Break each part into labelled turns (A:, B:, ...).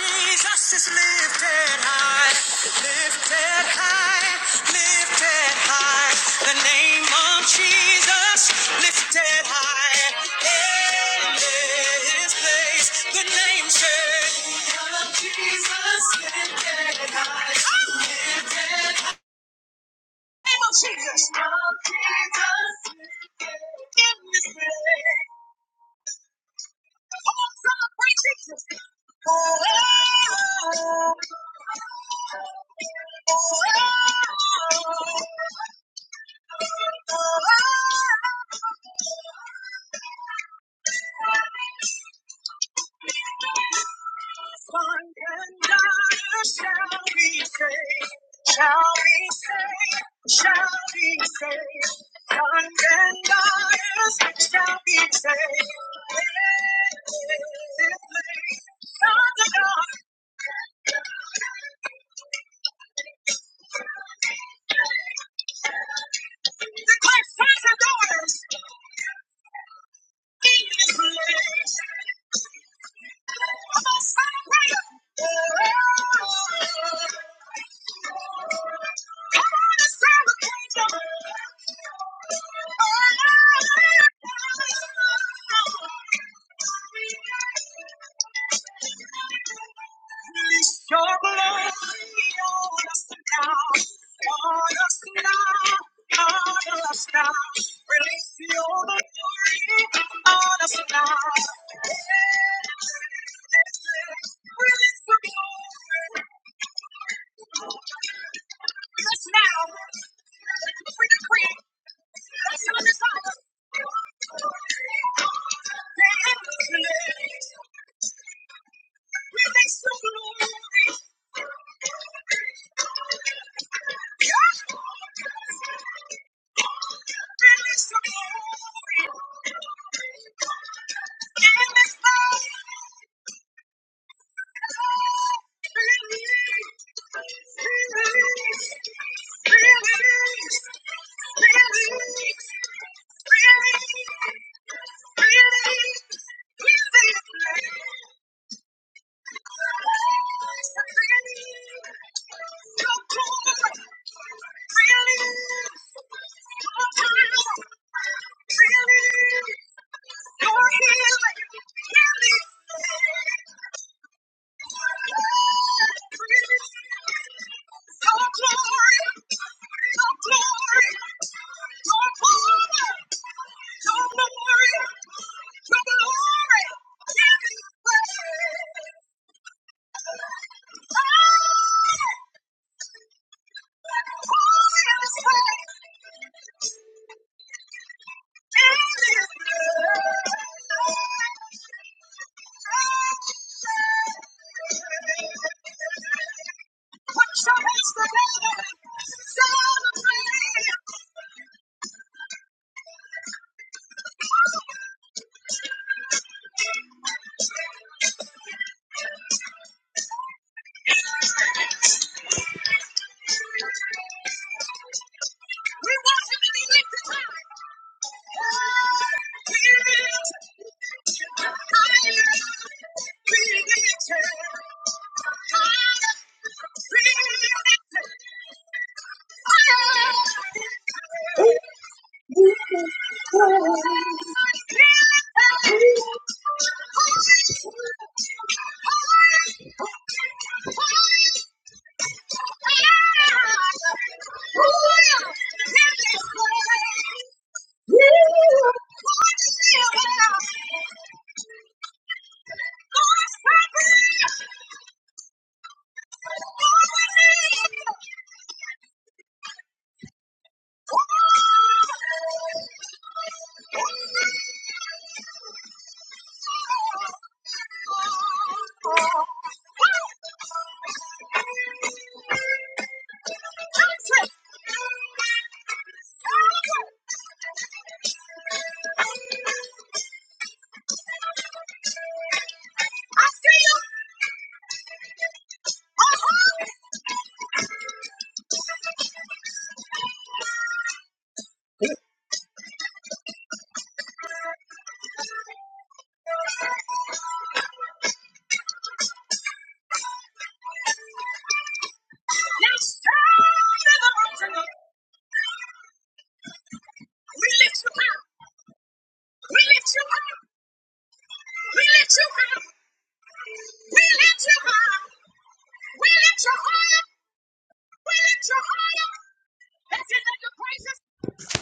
A: Jesus is lifted high, lifted high, lifted high. The name of Jesus lifted high. In this place, the name said, the name of Jesus lifted high.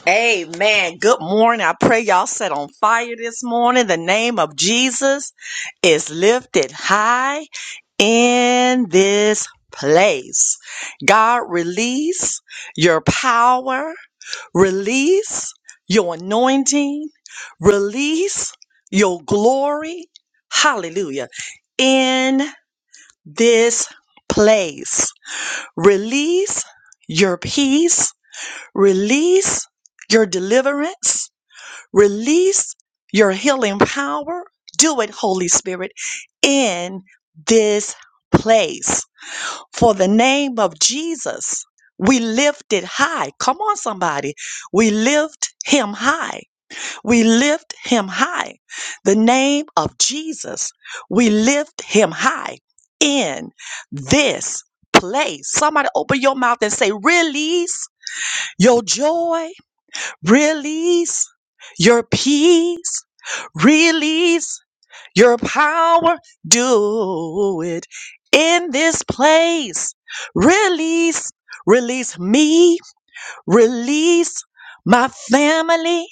A: Amen. Good morning. I pray y'all set on fire this morning. The name of Jesus is lifted high in this place. God, release your power, release your anointing, release your glory. Hallelujah. In this place, release your peace, release your deliverance Release your healing power. Do it, Holy Spirit, in this place. For the name of Jesus, we lift it high. Come on, somebody. We lift him high. We lift him high. The name of Jesus, we lift him high in this place. Somebody open your mouth and say, Release your joy Release your peace. Release your power. Do it in this place. Release, release me. Release my family.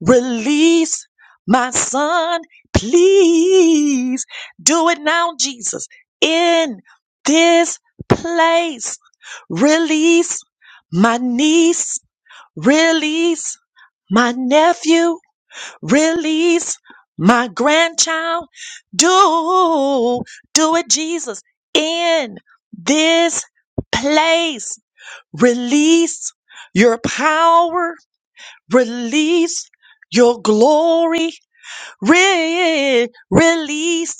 A: Release my son. Please do it now, Jesus, in this place. Release my niece. Release my nephew, release my grandchild. Do, do it, Jesus, in this place. Release your power, release your glory, re- release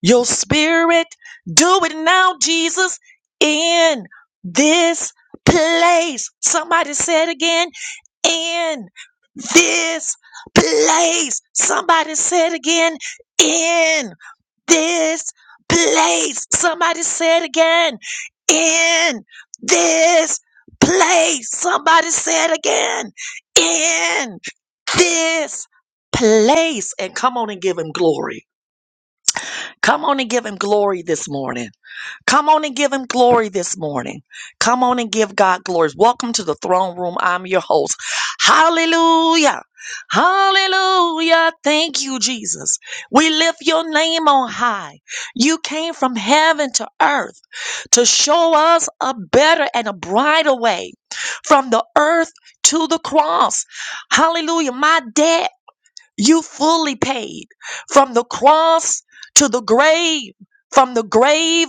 A: your spirit. Do it now, Jesus, in this place. Somebody said again, in this place. Somebody said again, in this place. Somebody said again, in this place. Somebody said again, in this place. And come on and give him glory. Come on and give him glory this morning. Come on and give him glory this morning. Come on and give God glory. Welcome to the throne room. I'm your host. Hallelujah. Hallelujah. Thank you, Jesus. We lift your name on high. You came from heaven to earth to show us a better and a brighter way from the earth to the cross. Hallelujah. My dad. You fully paid from the cross to the grave, from the grave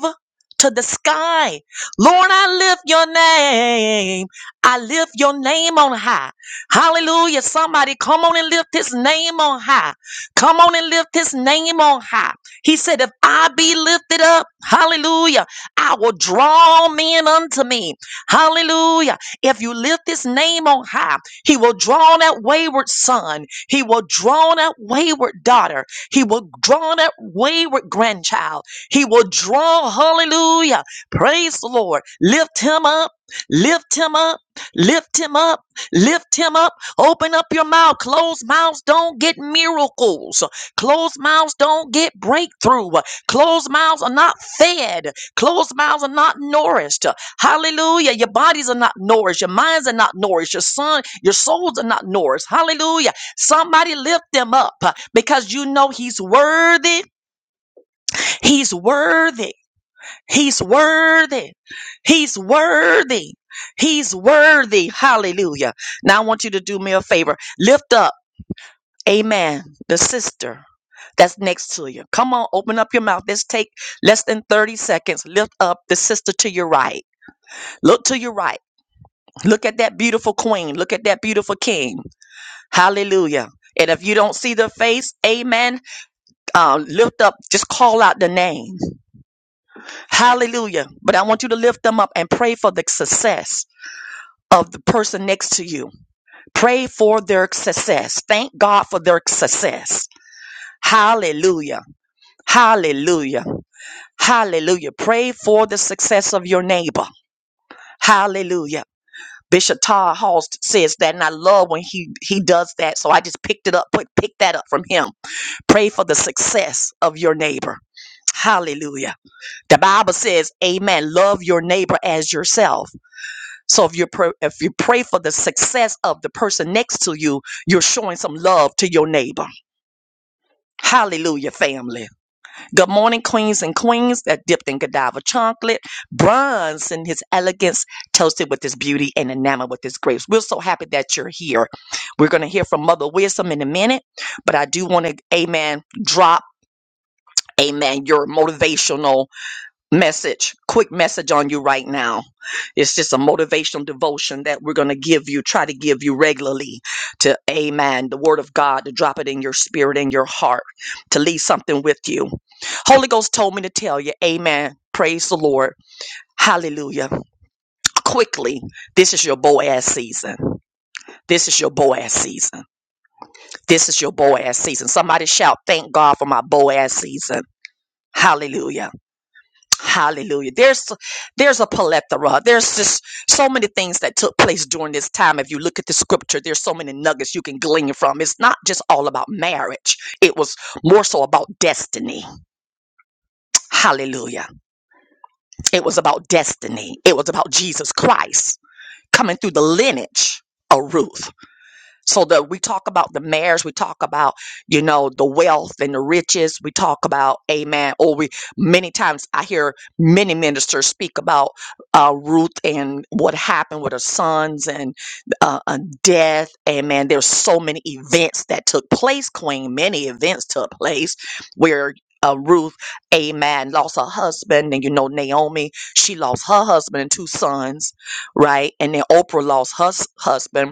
A: to the sky. Lord, I lift your name. I lift your name on high. Hallelujah. Somebody come on and lift his name on high. Come on and lift his name on high. He said, If I be lifted up, hallelujah, I will draw men unto me. Hallelujah. If you lift his name on high, he will draw that wayward son. He will draw that wayward daughter. He will draw that wayward grandchild. He will draw, hallelujah. Praise the Lord. Lift him up. Lift him up, lift him up, lift him up. Open up your mouth. Closed mouths don't get miracles. Closed mouths don't get breakthrough. Closed mouths are not fed. Closed mouths are not nourished. Hallelujah. Your bodies are not nourished. Your minds are not nourished. Your son, your souls are not nourished. Hallelujah. Somebody lift them up uh, because you know he's worthy. He's worthy. He's worthy. He's worthy. He's worthy. Hallelujah. Now I want you to do me a favor. Lift up, amen, the sister that's next to you. Come on, open up your mouth. Let's take less than 30 seconds. Lift up the sister to your right. Look to your right. Look at that beautiful queen. Look at that beautiful king. Hallelujah. And if you don't see the face, amen, uh, lift up, just call out the name. Hallelujah. But I want you to lift them up and pray for the success of the person next to you. Pray for their success. Thank God for their success. Hallelujah. Hallelujah. Hallelujah. Pray for the success of your neighbor. Hallelujah. Bishop Todd Halst says that, and I love when he he does that. So I just picked it up, put pick that up from him. Pray for the success of your neighbor. Hallelujah. The Bible says, "Amen." Love your neighbor as yourself. So if you pr- if you pray for the success of the person next to you, you're showing some love to your neighbor. Hallelujah, family. Good morning, queens and queens that dipped in Godiva chocolate, bronze in his elegance, toasted with his beauty and enamored with his grace. We're so happy that you're here. We're going to hear from Mother Wisdom in a minute, but I do want to, amen, drop, amen, your motivational message, quick message on you right now. It's just a motivational devotion that we're going to give you, try to give you regularly to amen, the word of God, to drop it in your spirit, in your heart, to leave something with you. Holy Ghost told me to tell you, amen. Praise the Lord. Hallelujah. Quickly, this is your Boaz season. This is your Boaz season. This is your Boaz season. Somebody shout, thank God for my Boaz season. Hallelujah. Hallelujah. There's there's a plethora. There's just so many things that took place during this time. If you look at the scripture, there's so many nuggets you can glean from. It's not just all about marriage. It was more so about destiny. Hallelujah. It was about destiny. It was about Jesus Christ coming through the lineage of Ruth. So that we talk about the marriage, we talk about, you know, the wealth and the riches. We talk about, amen. Or we many times I hear many ministers speak about uh, Ruth and what happened with her sons and uh, uh, death. Amen. There's so many events that took place, Queen. Many events took place where uh, Ruth, amen, lost her husband. And you know, Naomi, she lost her husband and two sons, right? And then Oprah lost her s- husband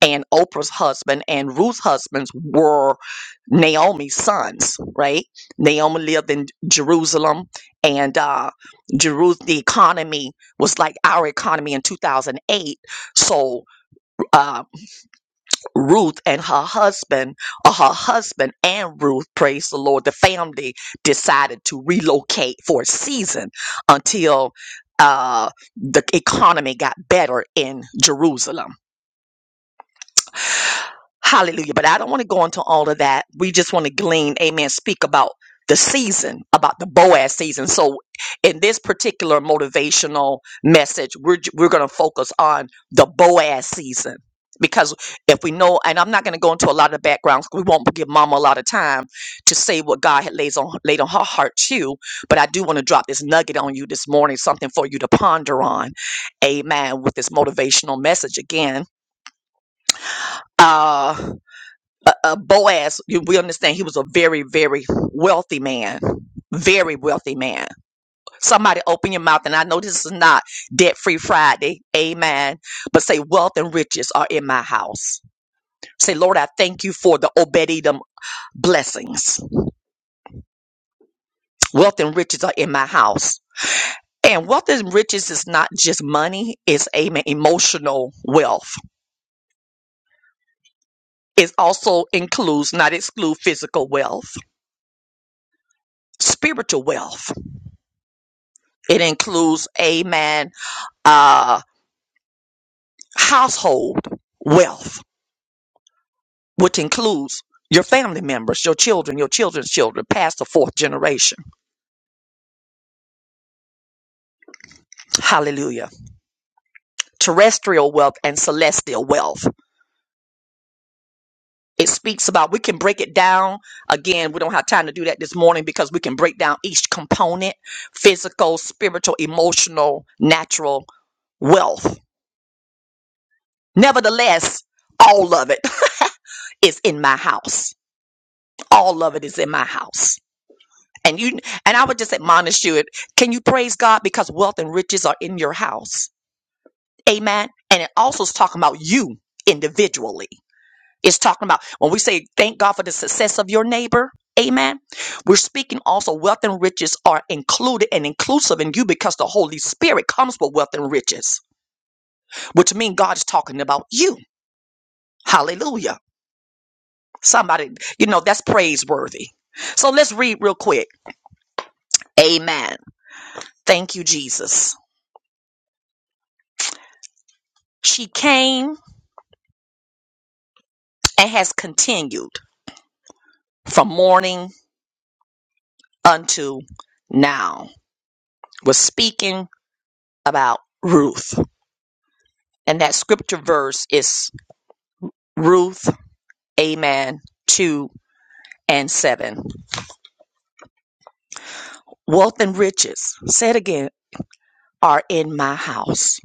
A: and Oprah's husband and Ruth's husbands were Naomi's sons, right? Naomi lived in Jerusalem, and uh, Jeru- the economy was like our economy in 2008. So uh, Ruth and her husband, or her husband and Ruth, praise the Lord, the family decided to relocate for a season until uh, the economy got better in Jerusalem Hallelujah. But I don't want to go into all of that. We just want to glean, amen, speak about the season, about the Boaz season. So in this particular motivational message, we're we're going to focus on the Boaz season. Because if we know, and I'm not going to go into a lot of the backgrounds, we won't give Mama a lot of time to say what God had lays on laid on her heart too. But I do want to drop this nugget on you this morning, something for you to ponder on, Amen. With this motivational message again, Uh, uh, uh, Boaz, you, we understand he was a very, very wealthy man. Very wealthy man. Somebody open your mouth, and I know this is not debt free Friday, amen. But say, wealth and riches are in my house. Say, Lord, I thank you for the obedient blessings. Wealth and riches are in my house. And wealth and riches is not just money, it's amen, emotional wealth. It also includes, not exclude physical wealth, spiritual wealth. It includes, amen uh, household wealth, which includes your family members, your children, your children's children, past the fourth generation. Hallelujah. Terrestrial wealth and celestial wealth. It speaks about, we can break it down. Again, we don't have time to do that this morning because we can break down each component physical, spiritual, emotional, natural wealth. Nevertheless, all of it is in my house. All of it is in my house And you and I would just admonish you. Can you praise God because wealth and riches are in your house? Amen. And it also is talking about you individually. It's talking about when we say thank God for the success of your neighbor. Amen. We're speaking also wealth and riches are included and inclusive in you because the Holy Spirit comes with wealth and riches, which means God is talking about you. Hallelujah. Somebody, you know, that's praiseworthy. So let's read real quick. Amen. Thank you, Jesus. She came and has continued from morning unto now. We're speaking about Ruth. And that scripture verse is Ruth, Amen, 2 and 7. Wealth and riches, said again, are in my house.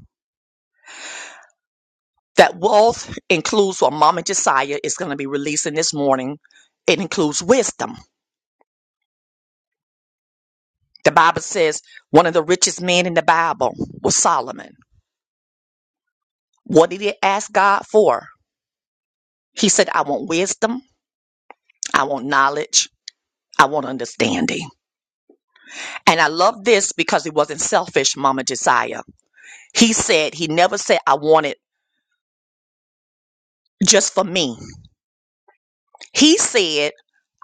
A: That wealth includes what Mama Josiah is going to be releasing this morning. It includes wisdom. The Bible says one of the richest men in the Bible was Solomon. What did he ask God for? He said, I want wisdom. I want knowledge. I want understanding. And I love this because it wasn't selfish, Mama Josiah. He said, he never said, I want it just for me. He said,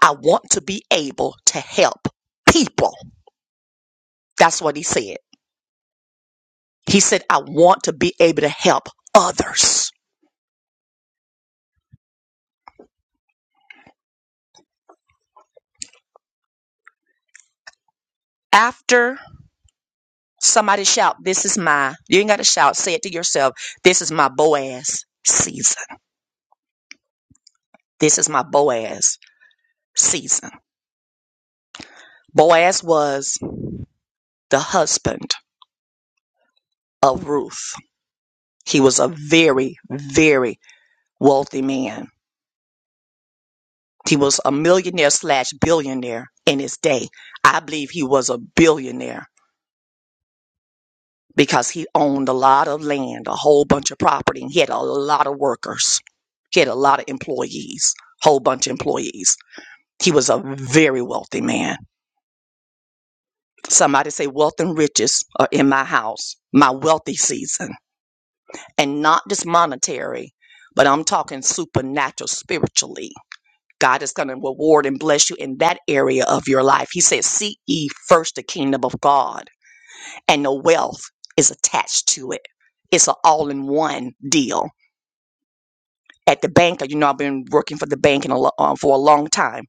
A: I want to be able to help people. That's what he said. He said, I want to be able to help others. After somebody shout, This is my, you ain't got to shout, say it to yourself, This is my Boaz season. This is my Boaz season. Boaz was the husband of Ruth. He was a very, very wealthy man. He was a millionaire slash billionaire in his day. I believe he was a billionaire because he owned a lot of land, a whole bunch of property, and he had a lot of workers. He had a lot of employees, whole bunch of employees. He was a very wealthy man. Somebody say wealth and riches are in my house, my wealthy season, and not just monetary, but I'm talking supernatural spiritually God is going to reward and bless you in that area of your life. He says, Seek ye first the kingdom of God, and the wealth is attached to it. It's an all in one deal. At the bank, you know, I've been working for the bank in a, lo- uh, for a long time.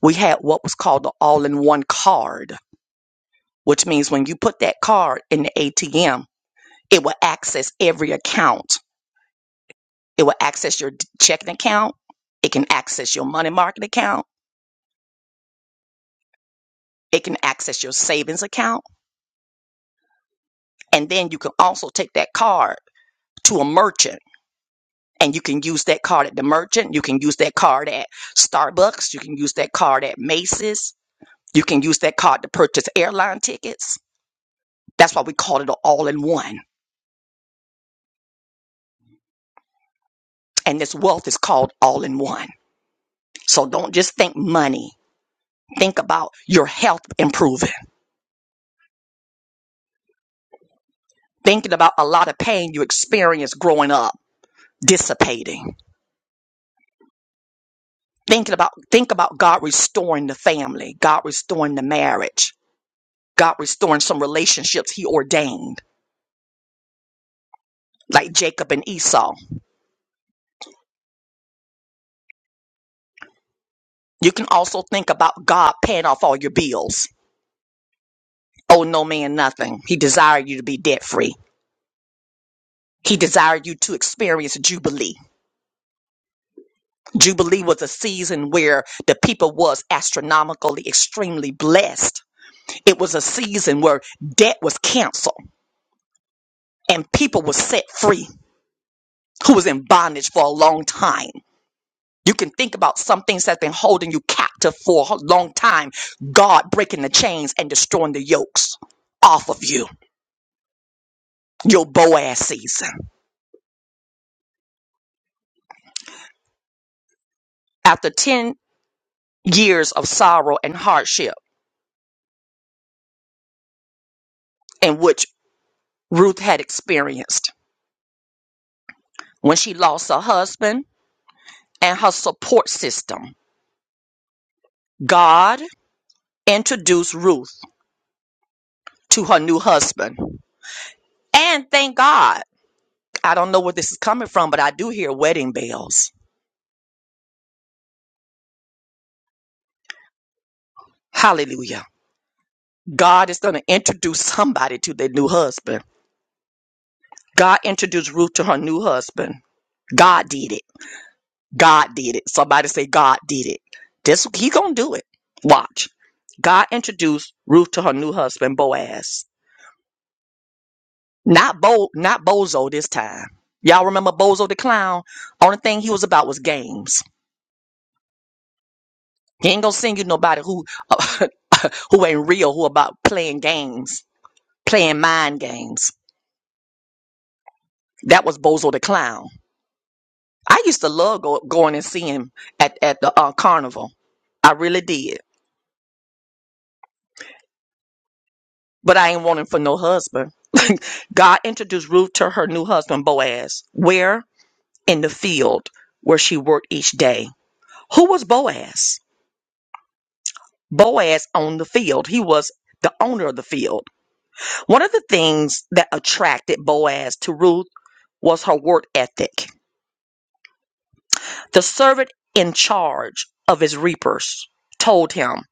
A: We had what was called the all in one card, which means when you put that card in the ATM, it will access every account. It will access your d- checking account, it can access your money market account, it can access your savings account And then you can also take that card to a merchant and you can use that card at the merchant. You can use that card at Starbucks. You can use that card at Macy's. You can use that card to purchase airline tickets. That's why we call it all in one. And this wealth is called all in one. So don't just think money. Think about your health improving. Thinking about a lot of pain you experienced growing up dissipating. Thinking about think about God restoring the family, God restoring the marriage. God restoring some relationships he ordained, like Jacob and Esau. You can also think about God paying off all your bills. Oh, no man, nothing. He desired you to be debt free. He desired you to experience Jubilee. Jubilee was a season where the people was astronomically extremely blessed. It was a season where debt was canceled and people was set free who was in bondage for a long time. You can think about some things that's been holding you captive for a long time. God breaking the chains and destroying the yokes off of you. Your Boaz season. After 10 years of sorrow and hardship in which Ruth had experienced when she lost her husband and her support system, God introduced Ruth to her new husband. And thank God, I don't know where this is coming from, but I do hear wedding bells. Hallelujah God is going to introduce somebody to their new husband. God introduced Ruth to her new husband. God did it. God did it. Somebody say God did it. This he gonna do it. Watch. God introduced Ruth to her new husband Boaz. Not Bo, not Bozo this time. Y'all remember Bozo the clown? Only thing he was about was games. He ain't gonna send you nobody who who ain't real, who about playing games, playing mind games. That was Bozo the clown. I used to love go, going and seeing him at at the uh, carnival. I really did, but I ain't wanting for no husband. God introduced Ruth to her new husband Boaz. Where in the field where she worked each day. Who was Boaz? Boaz owned the field. He was the owner of the field. One of the things that attracted Boaz to Ruth was her work ethic. The servant in charge of his reapers told him.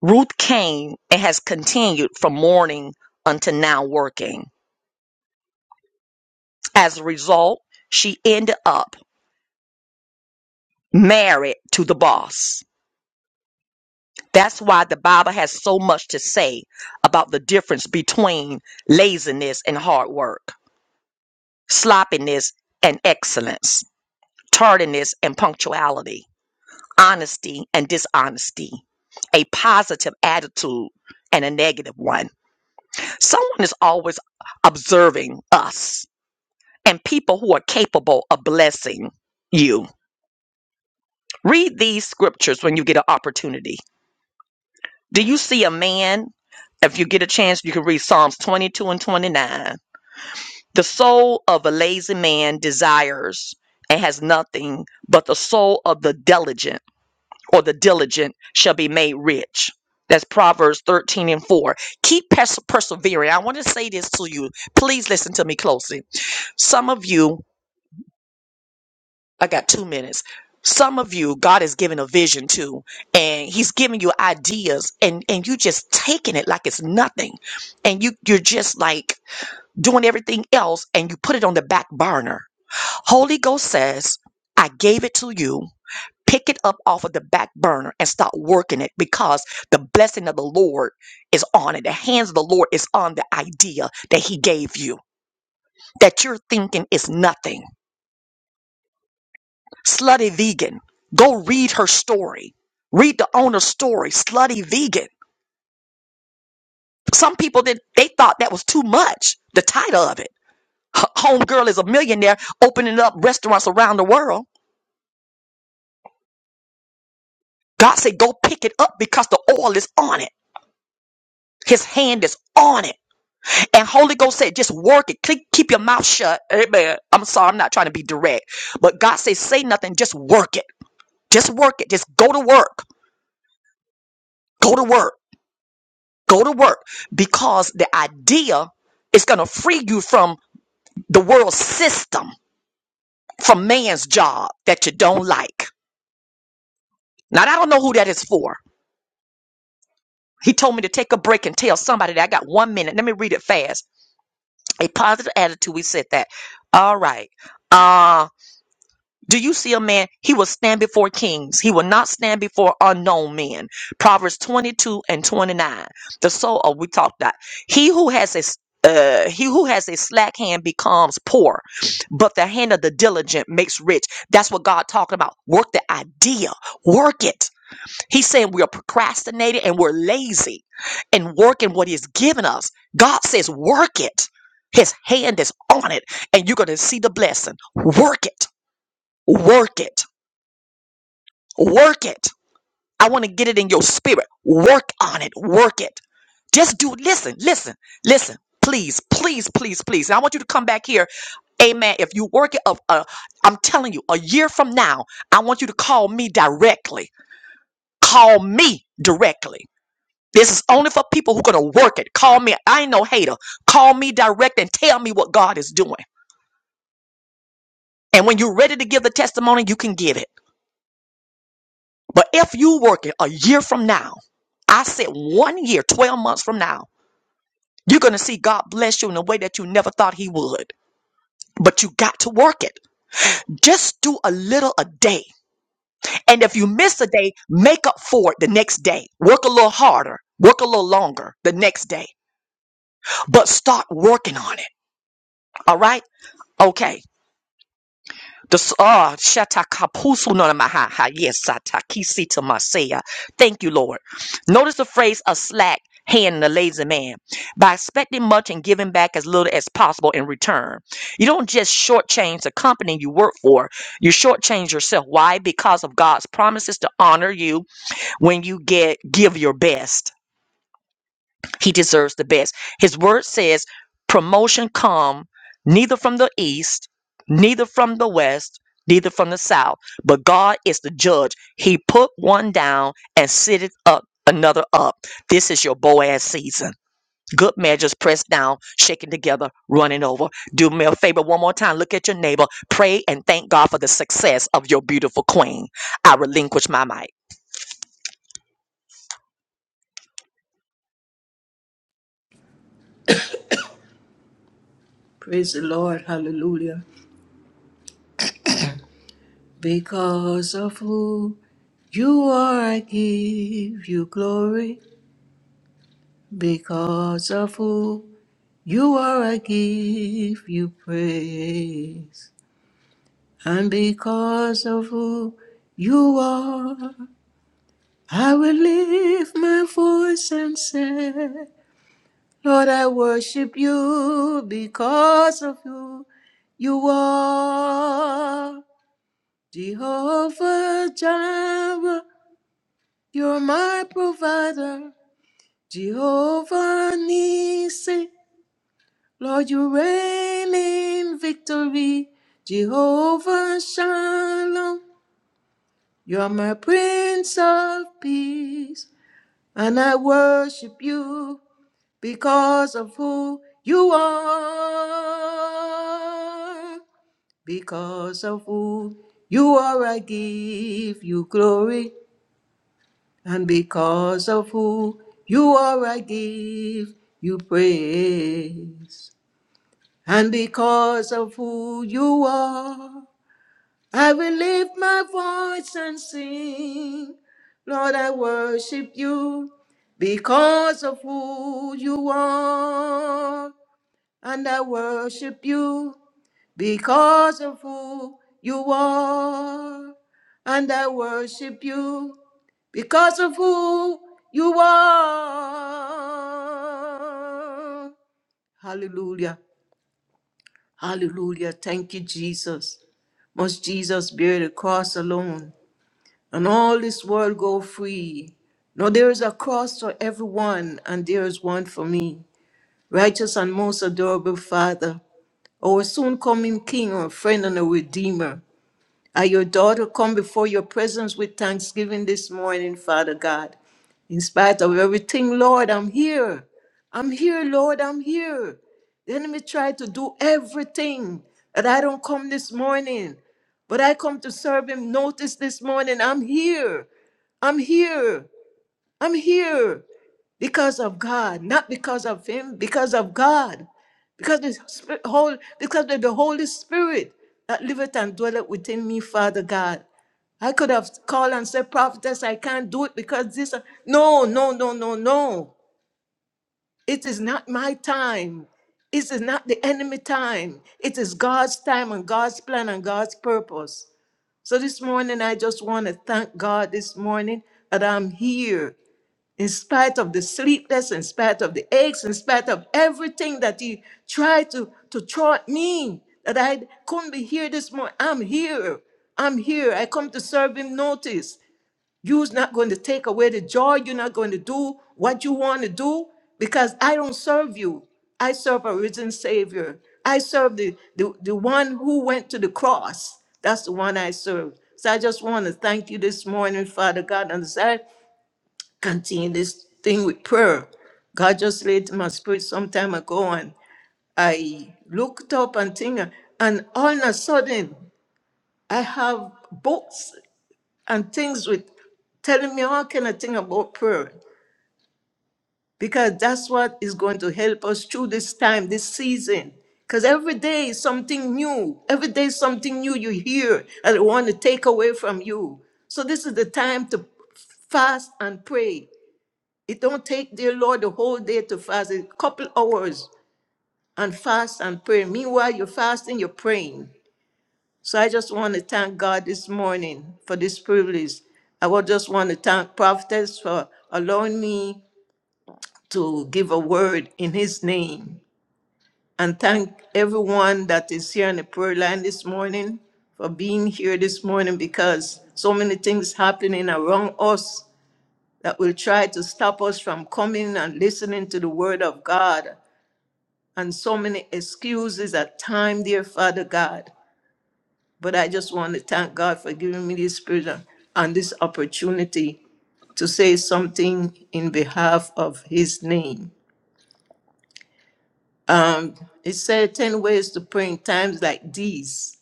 A: Ruth came and has continued from mourning unto now working. As a result, she ended up married to the boss. That's why the Bible has so much to say about the difference between laziness and hard work, sloppiness and excellence, tardiness and punctuality, honesty and dishonesty, a positive attitude and a negative one. Someone is always observing us and people who are capable of blessing you. Read these scriptures when you get an opportunity. Do you see a man? If you get a chance, you can read Psalms 22 and 29. The soul of a lazy man desires and has nothing, but the soul of the diligent or the diligent shall be made rich. That's Proverbs 13 and 4. Keep pers- persevering. I want to say this to you. Please listen to me closely. Some of you I got two minutes. Some of you, God is giving a vision to, and He's giving you ideas, and and you just taking it like it's nothing, and you you're just like doing everything else, and you put it on the back burner. Holy Ghost says, I gave it to you. Pick it up off of the back burner and start working it because the blessing of the Lord is on it. The hands of the Lord is on the idea that He gave you, that you're thinking is nothing Slutty Vegan. Go read her story. Read the owner's story, Slutty Vegan. Some people did they thought that was too much, the title of it. H- Homegirl is a millionaire opening up restaurants around the world. God said, go pick it up because the oil is on it. His hand is on it. And Holy Ghost said, just work it. Keep, keep your mouth shut. Amen. I'm sorry, I'm not trying to be direct. But God says, say nothing, just work it. Just work it. Just go to work. Go to work. Go to work because the idea is going to free you from the world system, from man's job that you don't like. Now, I don't know who that is for. He told me to take a break and tell somebody that I got one minute. Let me read it fast. A positive attitude. We said that. All right. Uh, Do you see a man? He will stand before kings. He will not stand before unknown men. Proverbs 22 and 29. The soul, oh, we talked that. He who has a s- uh, he who has a slack hand becomes poor, but the hand of the diligent makes rich. That's what God talking about. Work the idea, work it. He's saying we are procrastinating and we're lazy and working what He's given us. God says, work it. His hand is on it, and you're going to see the blessing. Work it, work it. Work it. I want to get it in your spirit. Work on it. Work it. Just do, listen, listen, listen. Please, please, please, please. And I want you to come back here. Amen. If you work it up, uh, I'm telling you, a year from now, I want you to call me directly. Call me directly. This is only for people who are going to work it. Call me. I ain't no hater. Call me direct and tell me what God is doing. And when you're ready to give the testimony, you can give it. But if you work it a year from now, I said one year, 12 months from now, you're going to see God bless you in a way that you never thought He would. But you got to work it. Just do a little a day. And if you miss a day, make up for it the next day. Work a little harder, work a little longer the next day. But start working on it. All right? Okay. This, ah, shata kapusu no maha ha yes sata kisi to masaya. Thank you, Lord. Notice the phrase a slack hand and a lazy man by expecting much and giving back as little as possible in return. You don't just shortchange the company you work for, you shortchange yourself. Why? Because of God's promises to honor you when you get give your best. He deserves the best. His word says, promotion come neither from the east, neither from the west, neither from the south, but God is the judge. He put one down and sitteth up another up. This is your Boaz season. Good measures pressed down, shaken together, running over. Do me a favor one more time. Look at your neighbor. Pray and thank God for the success of your beautiful queen. I relinquish my mic.
B: Praise the Lord. Hallelujah. Because of who you are, I give you glory. Because of who you are, I give you praise. And because of who you are, I will lift my voice and say, Lord, I worship you because of who you are. Jehovah Jireh, you're my provider. Jehovah Nissi, Lord, you reign in victory. Jehovah Shalom, you're my Prince of Peace. And I worship you because of who you are. Because of who you are, I give you glory. And because of who you are, I give you praise. And because of who you are, I will lift my voice and sing. Lord, I worship you because of who you are. And I worship you because of who you are. And I worship you because of who you are. Hallelujah. Hallelujah. Thank you, Jesus. Must Jesus bear the cross alone and all this world go free? No, there is a cross for everyone, and there is one for me. Righteous and most adorable Father, our soon coming King, our friend, and a Redeemer. Uh, your daughter come before your presence with thanksgiving this morning, Father God. In spite of everything, Lord, I'm here. I'm here, Lord, I'm here. The enemy tried to do everything that I don't come this morning, but I come to serve him. Notice this morning, I'm here. I'm here. I'm here because of God, not because of him, because of God, because the Spirit, whole, because of the Holy Spirit that liveth and dwelleth within me, Father God. I could have called and said, prophetess, I can't do it because this. No, no, no, no, no. It is not my time. It is not the enemy time. It is God's time and God's plan and God's purpose. So this morning, I just want to thank God this morning that I'm here in spite of the sleepless, in spite of the aches, in spite of everything that he tried to, to throw at me, that I couldn't be here this morning. I'm here. I'm here. I come to serve him notice. You's not going to take away the joy. You're not going to do what you want to do because I don't serve you. I serve a risen Savior. I serve the, the, the one who went to the cross. That's the one I serve. So I just want to thank you this morning, Father God. and continue this thing with prayer. God just laid in my spirit some time ago, and I looked up and thing, and all of a sudden, I have books and things with telling me all kind of thing about prayer because that's what is going to help us through this time, this season. Because every day is something new. Every day is something new you hear and want to take away from you. So this is the time to fast and pray It don't take, dear Lord, the whole day to fast, a couple hours and fast and pray. Meanwhile, you're fasting, you're praying. So I just want to thank God this morning for this privilege. I would just want to thank Prophetess for allowing me to give a word in his name. And thank everyone that is here on the prayer line this morning for being here this morning because so many things happening around us that will try to stop us from coming and listening to the word of God. and so many excuses at time, dear Father God. But I just want to thank God for giving me this freedom and this opportunity to say something in behalf of His name. Um, it said 10 ways to pray in times like these.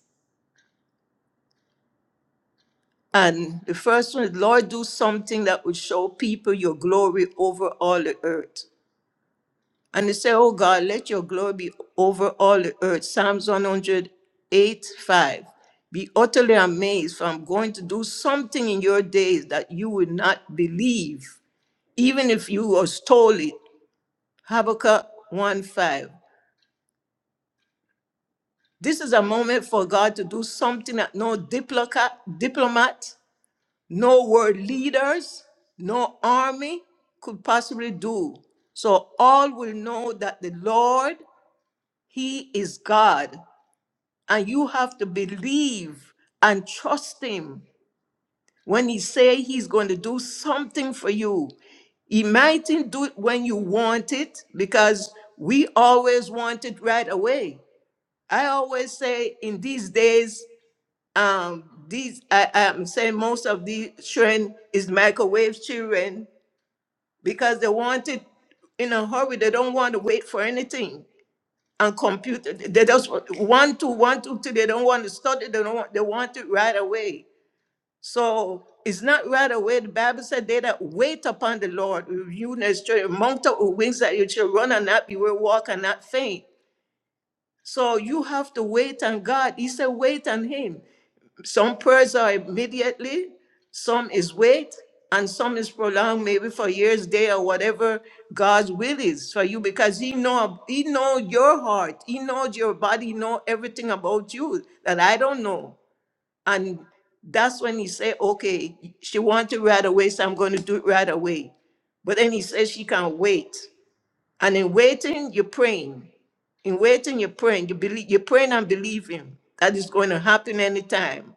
B: And the first one is, Lord, do something that will show people your glory over all the earth. And they say, Oh God, let your glory be over all the earth. Psalms 108 5. Be utterly amazed, for I'm going to do something in your days that you would not believe, even if you was told it. Habakkuk 1 5. This is a moment for God to do something that no diploca- diplomat, no world leaders, no army could possibly do. So all will know that the Lord, He is God and you have to believe and trust him when he say he's going to do something for you he mightn't do it when you want it because we always want it right away i always say in these days um these I, i'm saying most of the children is microwave children because they want it in a hurry they don't want to wait for anything and computer. They just want one, two, one, two, two. They don't want to study. They don't want, they want it right away. So it's not right away. The Bible said they that wait upon the Lord, you strength, mount up with wings that you shall run and not be weary, walk and not faint. So you have to wait on God. He said, wait on him. Some prayers are immediately, some is wait, and some is prolonged maybe for years, day, or whatever God's will is for you because He know He know your heart, He knows your body, He know everything about you that I don't know. And that's when He say, "Okay, she want it right away, so I'm going to do it right away." But then He says she can wait, and in waiting, you're praying. In waiting, you're praying. You believe. You're praying and believing that it's going to happen anytime.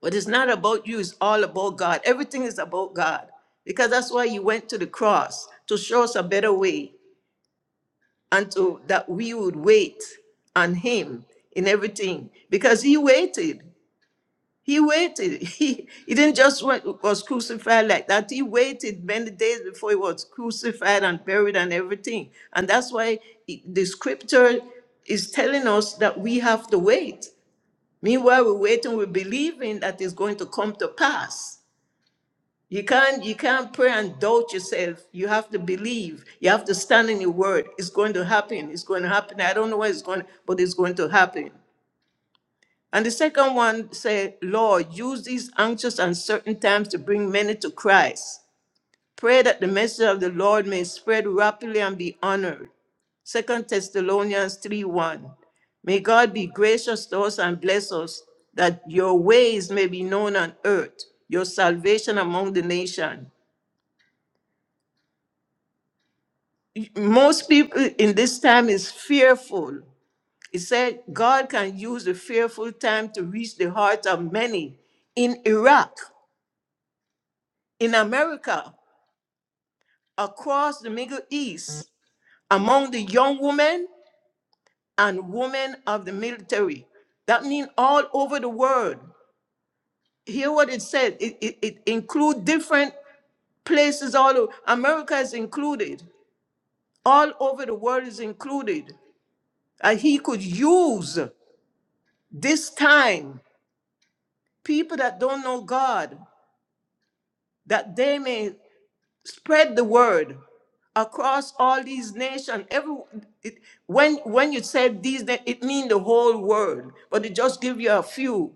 B: But it's not about you, it's all about God. Everything is about God. Because that's why you went to the cross to show us a better way and to that we would wait on him in everything. Because he waited. He waited. He, he didn't just went, was crucified like that. He waited many days before he was crucified and buried and everything. And that's why he- the scripture is telling us that we have to wait. Meanwhile, we're waiting, we're believing that it's going to come to pass. You can't you can't pray and doubt yourself. You have to believe. You have to stand in your word. It's going to happen. It's going to happen. I don't know where it's going, but it's going to happen. And the second one say, Lord, use these anxious and certain times to bring many to Christ. Pray that the message of the Lord may spread rapidly and be honored. Second Thessalonians 3 1. May God be gracious to us and bless us, that your ways may be known on earth, your salvation among the nation. most people in this time is fearful. It said God can use the fearful time to reach the heart of many in Iraq, in America, across the Middle East, among the young women and women of the military. That means all over the world. Hear what it said. It, it, it include different places all over. America is included. All over the world is included. And he could use this time people that don't know God, that they may spread the word across all these nations. Every it, when when you said these, na- it means the whole world, but it just give you a few.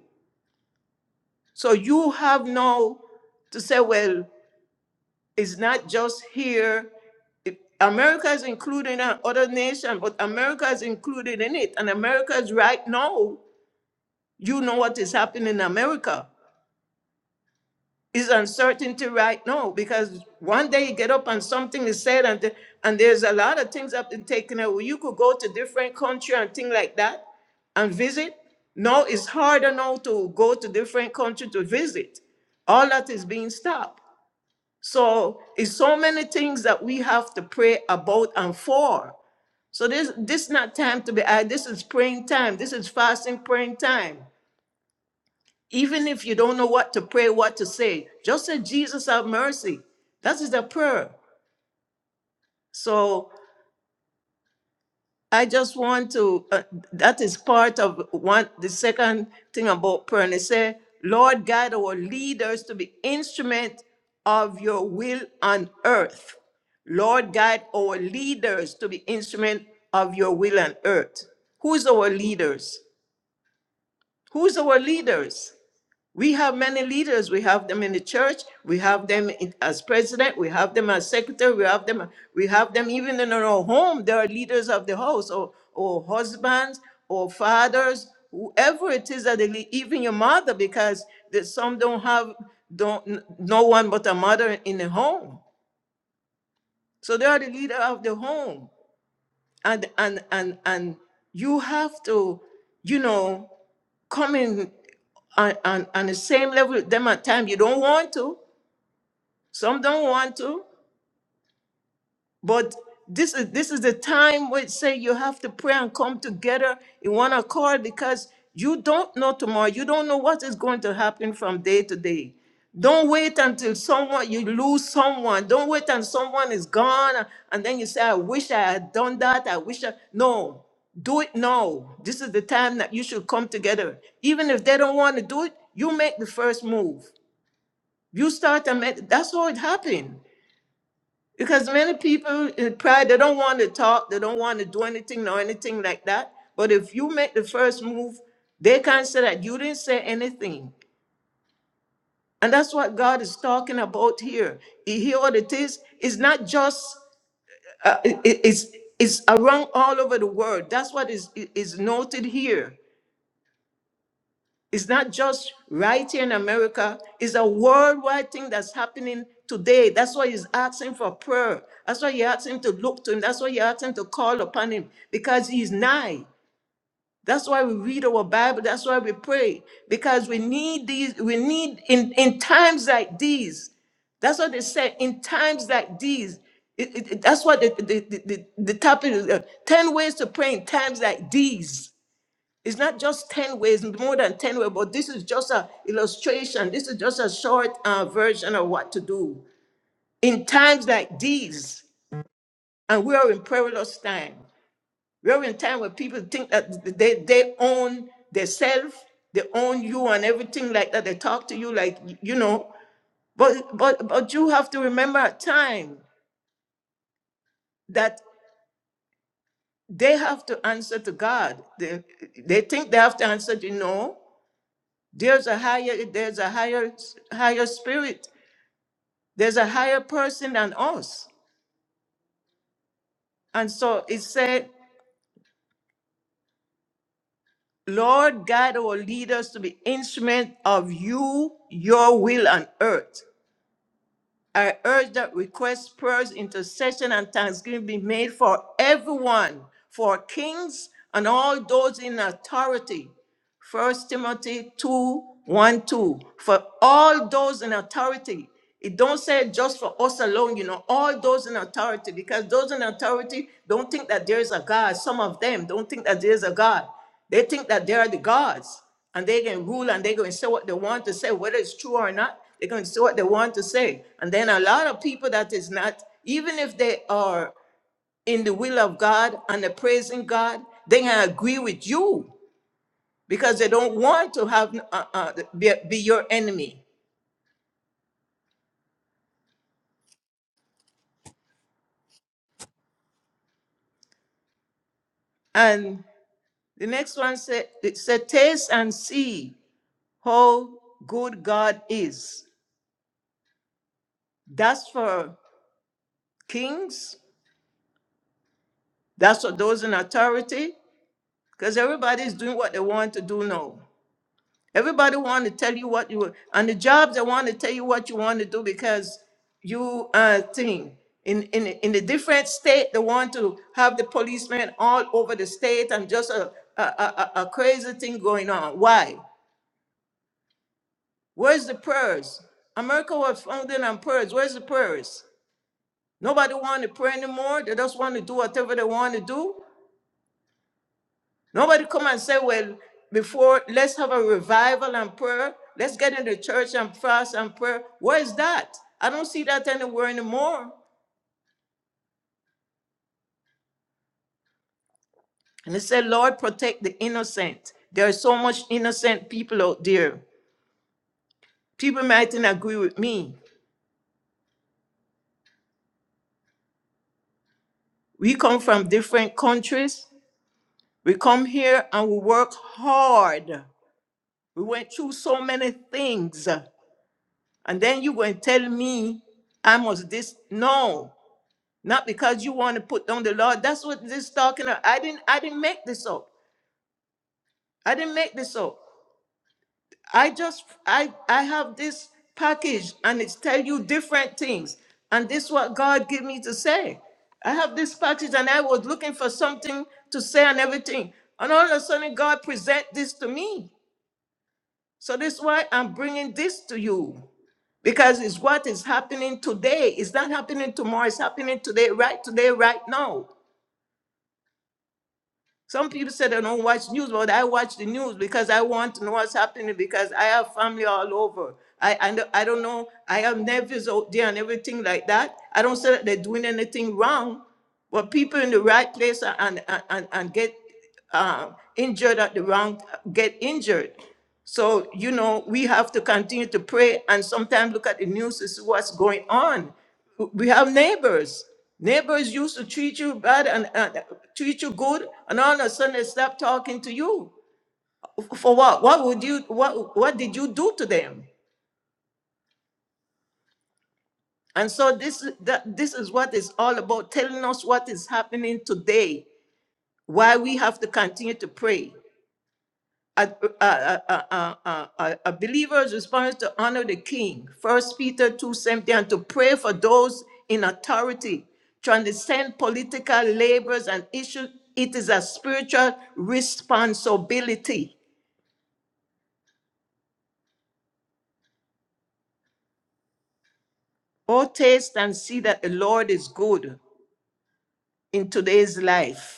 B: So you have now to say, well, it's not just here. It- America is included in other nations, but America is included in it, and America is right now. You know what is happening in America It's uncertainty right now because one day you get up and something is said and the- and there's a lot of things have been taken away. You could go to different country and things like that and visit. Now it's harder now to go to different country to visit. All that is being stopped. So it's so many things that we have to pray about and for. So this this not time to be. I, this is praying time. This is fasting praying time. Even if you don't know what to pray, what to say, just say, Jesus, have mercy. That is the prayer. So I just want to, uh, that is part of one, the second thing about prayer. And it say, Lord, guide our leaders to be instrument of your will on earth. Lord, guide our leaders to be instrument of your will on earth. Who's our leaders? Who's our leaders? We have many leaders. We have them in the church. We have them in, as president. We have them as secretary. We have them. We have them even in our home. There are leaders of the house, or or husbands, or fathers, whoever it is that they lead. Even your mother, because the, some don't have don't n- no one but a mother in the home. So they are the leader of the home and and and and you have to you know come in on, on, on the same level with them at time you don't want to some don't want to but this is this is the time where it say you have to pray and come together in one accord because you don't know tomorrow. You don't know what is going to happen from day to day. Don't wait until someone you lose someone. Don't wait until someone is gone and then you say, I wish I had done that. I wish I no. Do it now. This is the time that you should come together. Even if they don't want to do it, you make the first move. You start and make that's how it happened. Because many people uh, pride, they don't want to talk, they don't want to do anything or anything like that. But if you make the first move, they can't say that you didn't say anything. And that's what God is talking about here. You hear what it is? It's not just, uh, it- it- it's, it's around all over the world. That's what is, i- is noted here. It's not just right here in America, it's a worldwide thing that's happening today. That's why he's asking for prayer. That's why you ask him to look to him. That's why you ask him to call upon him because he's nigh. That's why we read our Bible. That's why we pray because we need these. We need in, in times like these. That's what they said. In times like these, it, it- it- that's what the, the, the, the, the topic is uh, 10 ways to pray in times like these. It's not just 10 ways, more than 10 ways, but this is just an illustration. This is just a short uh, version of what to do. In times like these, and we are in perilous time, we are in time where people think that they, they own themselves, they own you and everything like that. They talk to you like, you know, but, but, but you have to remember a time that they have to answer to God. They, they think they have to answer to no. There's a higher, there's a higher, higher spirit. There's a higher person than us. And so it said, Lord God, our lead us to be instrument of you, your will on earth. I urge that requests, prayers, intercession, and thanksgiving be made for everyone, for kings and all those in authority First Timothy two one two For all those in authority. It don't say just for us alone, you know, all those in authority, because those in authority don't think that there is a God. Some of them don't think that there is a God. They think that they are the gods and they can rule and they're going to say what they want to say, whether it's true or not. They're going to say what they want to say. And then a lot of people that is not, even if they are in the will of God and they're praising God, they can agree with you because they don't want to have uh, uh, be, be your enemy. And the next one said, it said, taste and see how good God is. That's for kings. That's for those in authority, because everybody's doing what they want to do now. Everybody want to tell you what you on the jobs. They want to tell you what you want to do because you uh thing in in in the different state. They want to have the policemen all over the state and just a a, a, a a crazy thing going on. Why? Where's the prayers? America was founded on prayers. Where's the prayers? Nobody want to pray anymore. They just want to do whatever they want to do. Nobody come and say, well, before let's have a revival and prayer. Let's get in the church and fast and prayer. Where is that? I don't see that anywhere anymore. And it said, Lord, protect the innocent. There are so much innocent people out there. People mightn't agree with me. We come from different countries. We come here and we work hard. We went through so many things. And then you go and tell me I must this. No. not because you want to put down the Lord. That's what this talking about. I didn't I didn't make this up. I didn't make this up. I just I I have this package and it's tell you different things. And this what God gave me to say. I have this package and I was looking for something to say and everything. And all of a sudden God present this to me. So this why I'm bringing this to you. Because it's what is happening today. It's not happening tomorrow. It's happening today, right today, right now. Some people said I don't watch news, but I watch the news because I want to know what's happening because I have family all over. I, I, don't- I don't know. I have nephews out there and everything like that. I don't say that they're doing anything wrong, but people in the right place and, and, and, and get uh, injured at the wrong, get injured. So, you know, we have to continue to pray and sometimes look at the news to see what's going on. We have neighbors. Neighbors used to treat you bad and, and treat you good, and all of a sudden they stop talking to you. For what? What would you what what did you do to them? And so this is- that this is what it's all about, telling us what is happening today, why we have to continue to pray. a, a, a, a, a, a a believer's response to honor the king. First Peter 2 seventeen, and to pray for those in authority, transcend political labors and issues. It is a spiritual responsibility. Oh, taste and see that the Lord is good in today's life.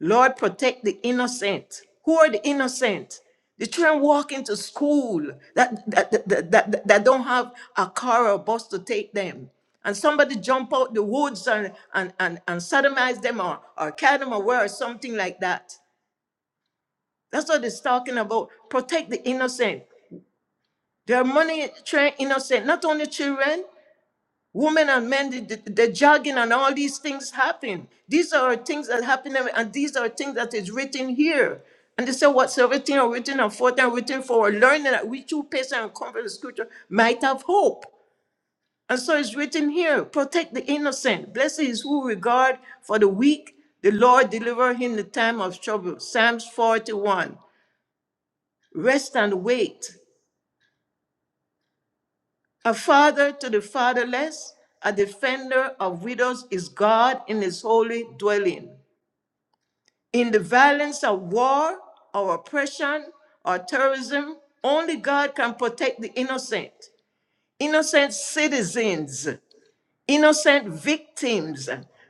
B: Lord, protect the innocent. Who are the innocent? The children walking to school that, that, that, that, that- that don't have a car or bus to take them. And somebody jump out the woods and, and, and, and sodomize them or, or carry them away or something like that. That's what it's talking about. Protect the innocent. There are many train innocent, not only children. Women and men, the, the, the jogging and all these things happen. These are things that happen, and and these are things that is written here. And they say, whatsoever thing are written and forth and written for, our learning that we through patience and comfort of scripture might have hope. And so it's written here, protect the innocent. Blessed is who regard for the weak. The Lord deliver him in the time of trouble. Psalms 41. Rest and wait. A father to the fatherless, a defender of widows is God in his holy dwelling. In the violence of war or oppression or terrorism, only God can protect the innocent, innocent citizens, innocent victims,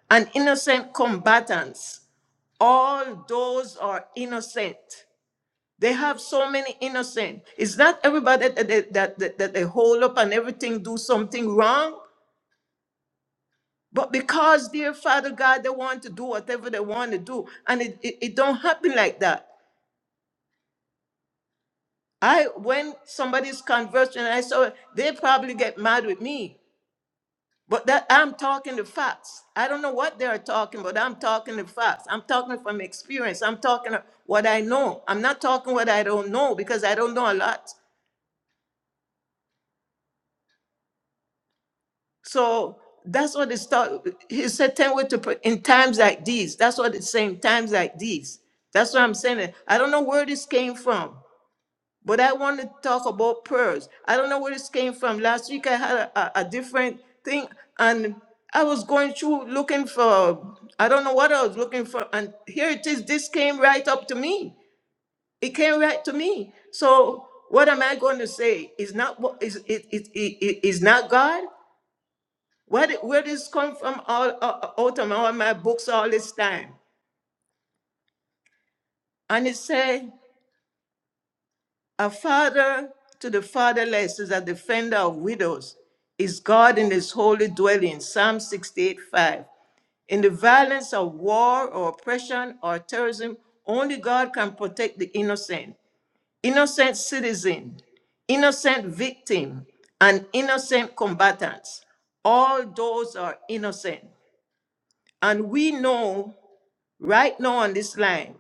B: and innocent combatants. All those are innocent. They have so many innocent. It's not everybody that they, that, that, that they hold up and everything do something wrong. But because, dear Father God, they want to do whatever they want to do, and it, it, it don't happen like that. I when somebody's conversion, I saw they probably get mad with me. But that I'm talking the facts. I don't know what they are talking, but I'm talking the facts. I'm talking from experience. I'm talking what I know. I'm not talking what I don't know because I don't know a lot. So that's what it's taught. He said, 10 ways to pray in times like these. That's what it's saying, times like these. That's what I'm saying. I don't know where this came from, but I want to talk about prayers. I don't know where this came from. Last week I had a, a, a different thing, and I was going through looking for, I don't know what I was looking for. And here it is. This came right up to me. It came right to me. So what am I going to say? Is not what is it, it, it, it is not God? Where, did- where this come from all, all, out of all my books all this time? And it say, a father to the fatherless is a defender of widows, is God in his holy dwelling, Psalm 68, 5. In the violence of war or oppression or terrorism, only God can protect the innocent, innocent citizen, innocent victim, and innocent combatants. All those are innocent. And we know Right now on this line,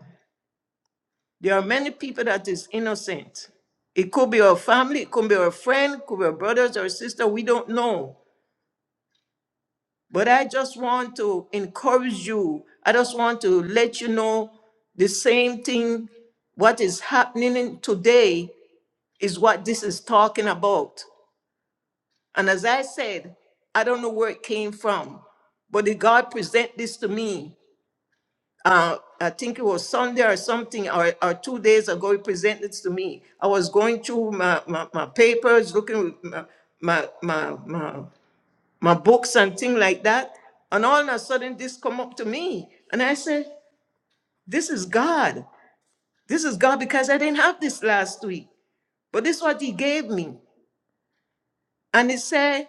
B: there are many people that is innocent. It could be our family, it could be our friend, it could be our brothers or sister. We don't know. But I just want to encourage you. I just want to let you know the same thing. What is happening in today is what this is talking about. And as I said, I don't know where it came from, but the God present this to me. uh, I think it was Sunday or something, or, or two days ago, he presented this to me. I was going through my, my, my papers, looking with my, my, my, my, my books and things like that. And all of a sudden, this come up to me. And I said, this is God. This is God because I didn't have this last week. But this is what he gave me. And it said,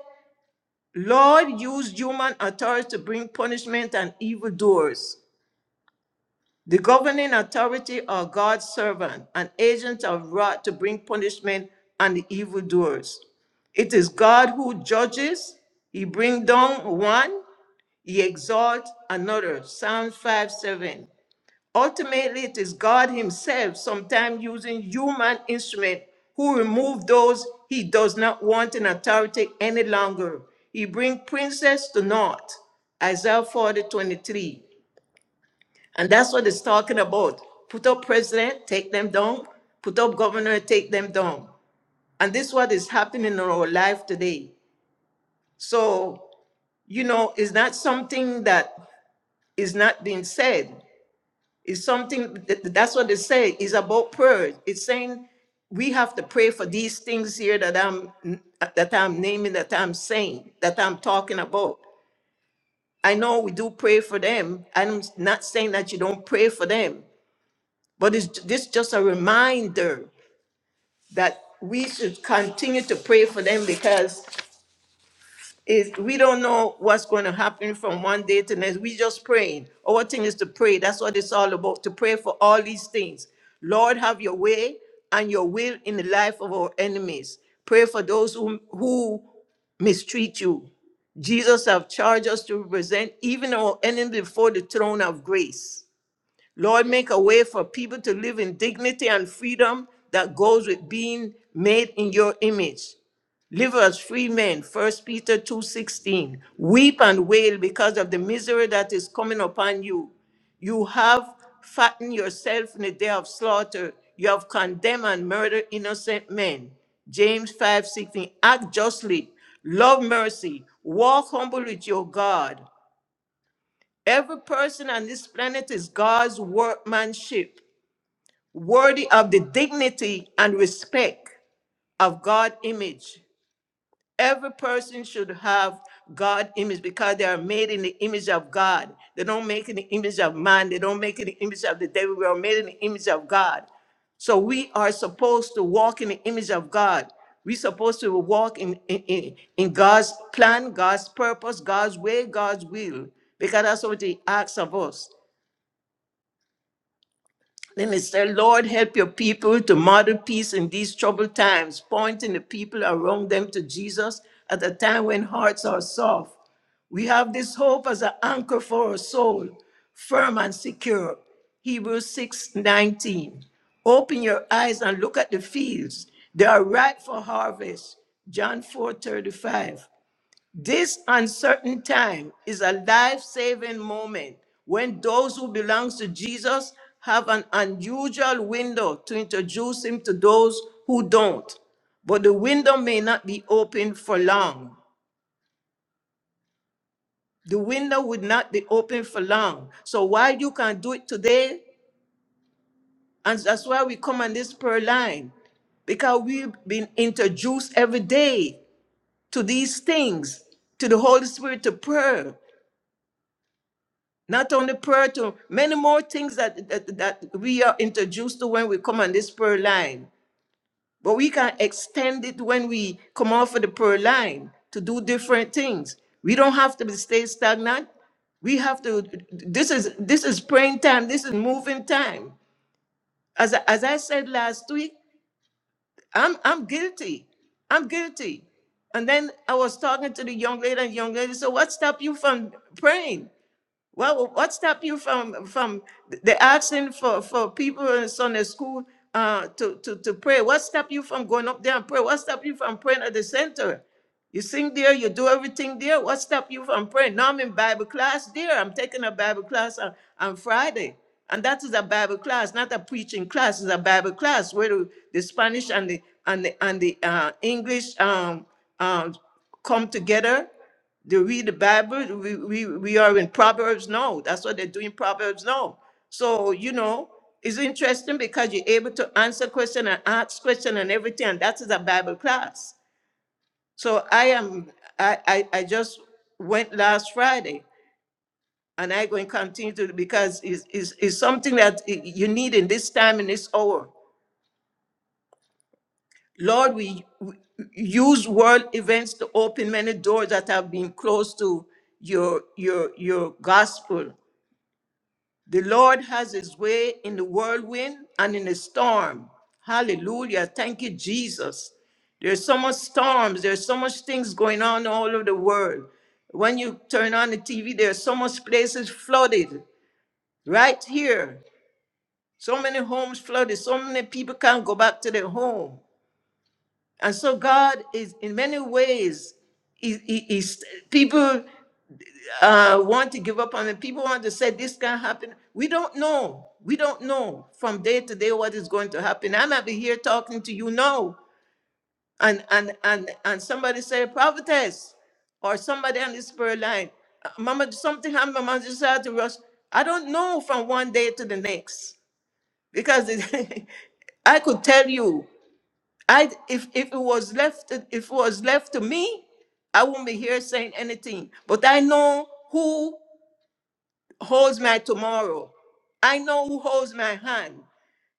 B: Lord, use human authority to bring punishment and evildoers. The governing authority or God's servant, an agent of wrath to bring punishment on the evildoers. It is God who judges, he brings down one, he exalts another. Psalms 5 7. Ultimately, it is God himself, sometimes using human instrument, who remove those he does not want in authority any longer. He brings princes to naught. Isaiah 40 23. And that's what it's talking about. Put up president, take them down. Put up governor, take them down. And this is what is happening in our life today. So, you know, it's not something that is not being said. It's something that, that's what they say. It's about prayer. It's saying we have to pray for these things here that I'm that I'm naming, that I'm saying, that I'm talking about. I know we do pray for them. I'm not saying that you don't pray for them, But it's, this is just a reminder that we should continue to pray for them because it, we don't know what's going to happen from one day to the next. We just praying. Our thing is to pray. That's what it's all about, to pray for all these things. Lord, have your way and your will in the life of our enemies. Pray for those who, who mistreat you. Jesus have charged us to represent even our enemy before the throne of grace. Lord, make a way for people to live in dignity and freedom that goes with being made in your image. Live as free men, First Peter 2:16. Weep and wail because of the misery that is coming upon you. You have fattened yourself in the day of slaughter. You have condemned and murdered innocent men. James 5:16. Act justly, love mercy, walk humble with your God. Every person on this planet is God's workmanship, worthy of the dignity and respect of God image. Every person should have God image because they are made in the image of God. They don't make in the image of man. They don't make in the image of the devil. We are made in the image of God. So we are supposed to walk in the image of God. We're supposed to walk in, in, in, in God's plan, God's purpose, God's way, God's will, because that's what He asks of us. Then it said, Lord, help your people to model peace in these troubled times, pointing the people around them to Jesus at a time when hearts are soft. We have this hope as an anchor for our soul, firm and secure. Hebrews 6 19. Open your eyes and look at the fields. They are ripe for harvest. John 4 35. This uncertain time is a life saving moment when those who belong to Jesus have an unusual window to introduce him to those who don't. But the window may not be open for long. The window would not be open for long. So, while you can do it today, and that's why we come on this prayer line, because we've been introduced every day to these things, to the Holy Spirit, to prayer. not only prayer to many more things that, that that we are introduced to when we come on this prayer line but we can extend it when we come off of the prayer line to do different things we don't have to stay stagnant we have to this is this is praying time this is moving time as I, as i said last week i'm i'm guilty i'm guilty and then i was talking to the young lady and young lady so what stopped you from praying well, what stop you from from the asking for for people in Sunday school uh to to to pray? What stop you from going up there and pray? What stop you from praying at the center? You sing there, you do everything there. What stop you from praying? Now I'm in Bible class there. I'm taking a Bible class on, on Friday. And that is a Bible class, not a preaching class. It's a Bible class where the, the Spanish and the and the and the uh, English um, um, come together they read the Bible. We, we, we are in Proverbs now. That's what they're doing Proverbs now. So, you know, it's interesting because you're able to answer question and ask question and everything. And that is a Bible class. So I am, I, I, I just went last Friday and I going to continue to, because it's, it's, it's something that y- you need in this time, in this hour. Lord, we, we use world events to open many doors that have been closed to your, your, your gospel The Lord has his way in the whirlwind and in the storm. Hallelujah. Thank you, Jesus. There's so much storms, there's so much things going on all over the world. When you turn on the TV, there's so much places flooded right here. So many homes flooded, so many people can't go back to their home. And so God is in many ways, he, he- he's- people uh, want to give up on it. People want to say this can not happen. We don't know. We don't know from day to day what is going to happen. i might be here talking to you now, and and and and somebody say prophetess, or somebody on this prayer line, "Uh, Mama, something happened. Mama just had to rush. I don't know from one day to the next because it, I could tell you, I if if it was left if it was left to me, I would not be here saying anything. But I know who holds my tomorrow. I know who holds my hand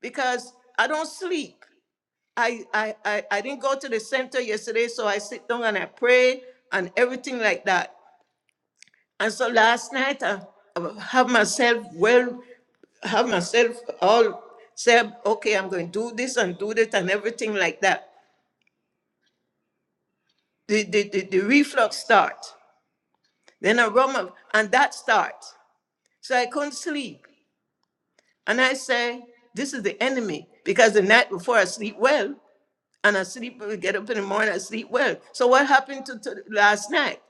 B: because I don't sleep. I, I, I, I didn't go to the center yesterday, so I sit down and I pray and everything like that. And so last night I, I have myself well, have myself all said, okay, I'm going to do this and do that and everything like that. The, the, the, the reflux start. Then I run my, and that start. So I couldn't sleep. And I say, this is the enemy because the night before I sleep well, and I sleep, get up in the morning, I sleep well. So what happened to, to last night?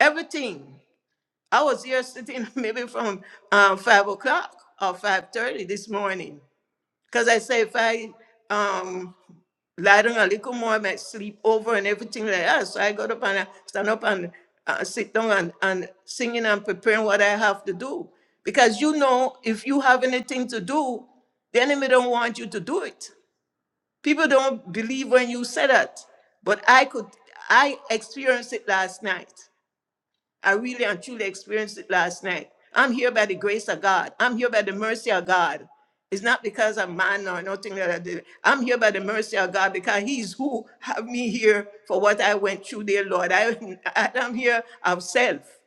B: Everything. I was here sitting maybe from uh, five o'clock or five thirty this morning. Because I say if I um lie down a little more, I might sleep over and everything like that. So I got up and I stand up and uh, sit down and, and singing and preparing what I have to do. Because you know, if you have anything to do, the enemy don't want you to do it. People don't believe when you say that. But I could I experienced it last night. I really and truly experienced it last night. I'm here by the grace of God. I'm here by the mercy of God. It's not because I'm man or nothing that I did. I'm here by the mercy of God because He's who have me here for what I went through, dear Lord. I, I am here of self.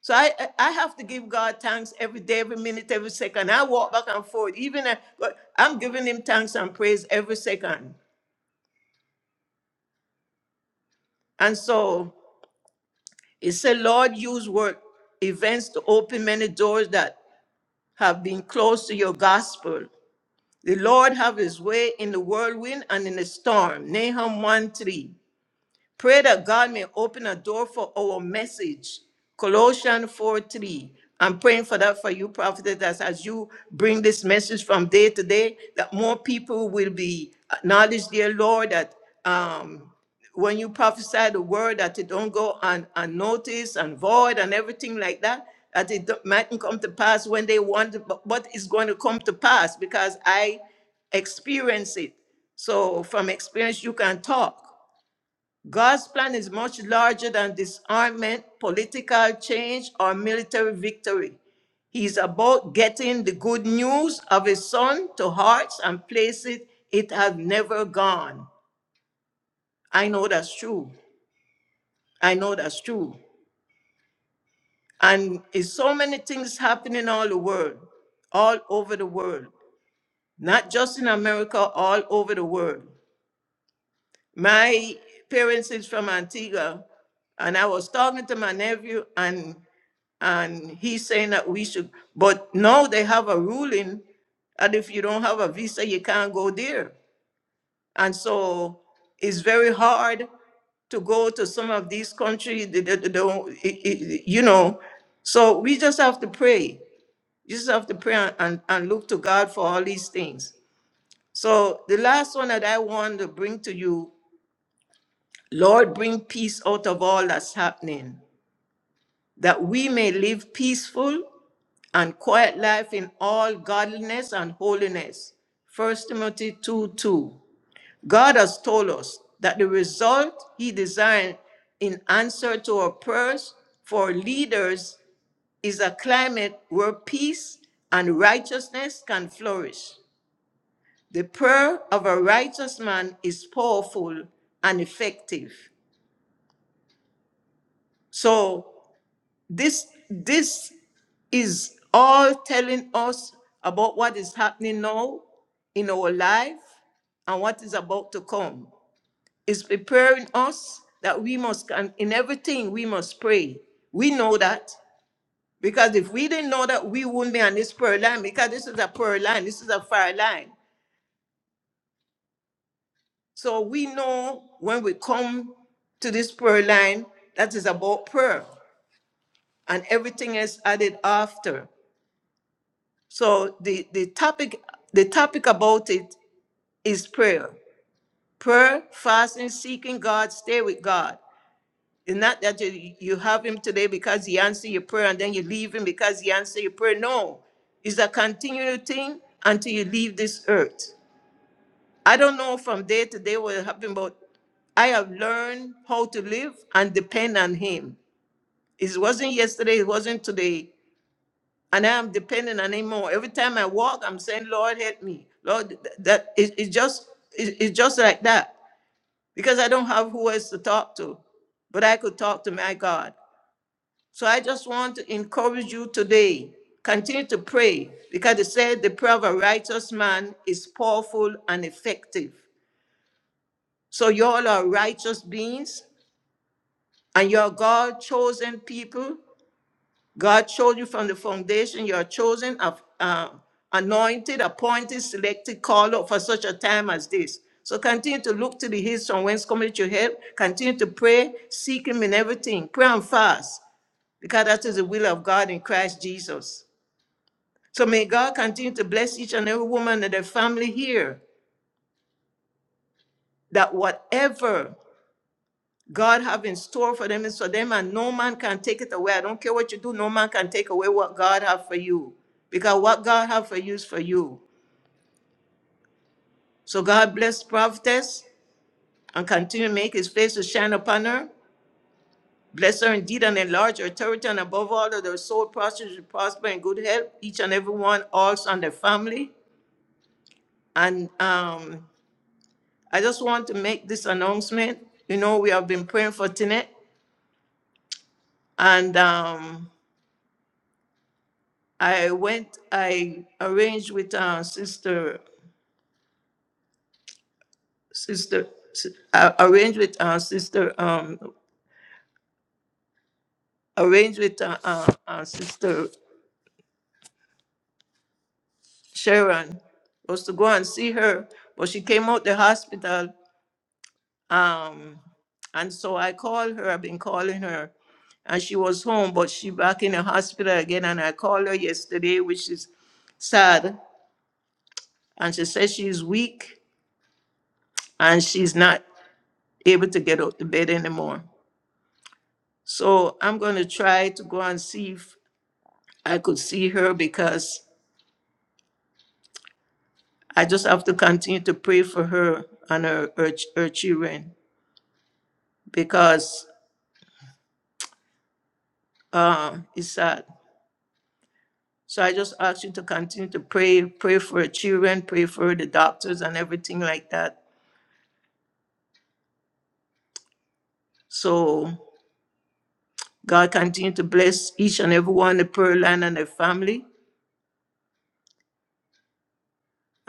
B: So I, I I have to give God thanks every day, every minute, every second. I walk back and forth. Even I, but I'm giving Him thanks and praise every second. And so it said, Lord, use work events to open many doors that have been close to your gospel. The Lord have his way in the whirlwind and in the storm. Nahum 1 3. Pray that God may open a door for our message. Colossians 4 3. I'm praying for that for you, prophet, that as you bring this message from day to day, that more people will be acknowledged, dear Lord, that um, when you prophesy the word, that it don't go un- unnoticed and void and everything like that, that it don't- mightn't come to pass when they want, it, but what is going to come to pass because I experience it. So from experience, you can talk. God's plan is much larger than disarmament, political change, or military victory. He's about getting the good news of his son to hearts and places it has never gone. I know that's true. I know that's true. And it's so many things happening all the world, all over the world, not just in America, all over the world. My parents is from Antigua, and I was talking to my nephew, and and he's saying that we should but now they have a ruling that if you don't have a visa you can't go there and so it's very hard to go to some of these countries they, they- they don't i- i- you know so we just have to pray you just have to pray and, and, and look to god for all these things so the last one that i want to bring to you lord bring peace out of all that's happening that we may live peaceful and quiet life in all godliness and holiness. First Timothy 2 2. God has told us that the result He designed in answer to our prayers for leaders is a climate where peace and righteousness can flourish. The prayer of a righteous man is powerful and effective. So This this is all telling us about what is happening now in our life and what is about to come. It's preparing us that we must and in everything we must pray. We know that because if we didn't know that, we wouldn't be on this prayer line because this is a prayer line, this is a fire line. So we know when we come to this prayer line that is about prayer and everything else added after. So the, the topic the topic about it is prayer. Prayer, fasting, seeking God, stay with God. It's not that you, you have him today because he answered your prayer and then you leave him because he answered your prayer. No. It's a continual thing until you leave this earth. I don't know from day to day what will happen, but I have learned how to live and depend on him. It wasn't yesterday, it wasn't today. and I'm dependent on Him more. Every time I walk, I'm saying, "Lord, help me." Lord, th- that it, it just it, it's just like that because I don't have who else to talk to, but I could talk to my God. So I just want to encourage you today. Continue to pray because it said the prayer of a righteous man is powerful and effective. So y'all are righteous beings and you're God chosen people God showed you from the foundation. You are chosen, of, uh, anointed, appointed, selected, called up for such a time as this. So continue to look to the hills from whence cometh your help. Continue to pray, seek Him in everything. Pray and fast, because that is the will of God in Christ Jesus. So may God continue to bless each and every woman and their family here. That whatever God have in store for them is for them, and no man can take it away. I don't care what you do, no man can take away what God have for you. Because what God have for you is for you. So God bless prophetess and continue to make his face to shine upon her. Bless her indeed and enlarge her territory, and above all that her soul prospers, she prosper in good health, each and every one, also and their family. And um, I just want to make this announcement. You know, we have been praying for Tinette, and um, I went, I arranged with uh, sister, sister, s- I arranged with uh, sister, um, arranged with uh, uh, uh, sister Sharon was to go and see her, but she came out the hospital. Um, and so I called her. I've been calling her, and she was home, but she back in the hospital again. And I called her yesterday, which is sad. And she says she's weak and she's not able to get out the bed anymore. So I'm going to try to go and see if I could see her because I just have to continue to pray for her and her, her, ch- her children because uh, it's sad. So I just ask you to continue to pray, pray for her children, pray for the doctors and everything like that. So God continue to bless each and every one, the prayer line and their family.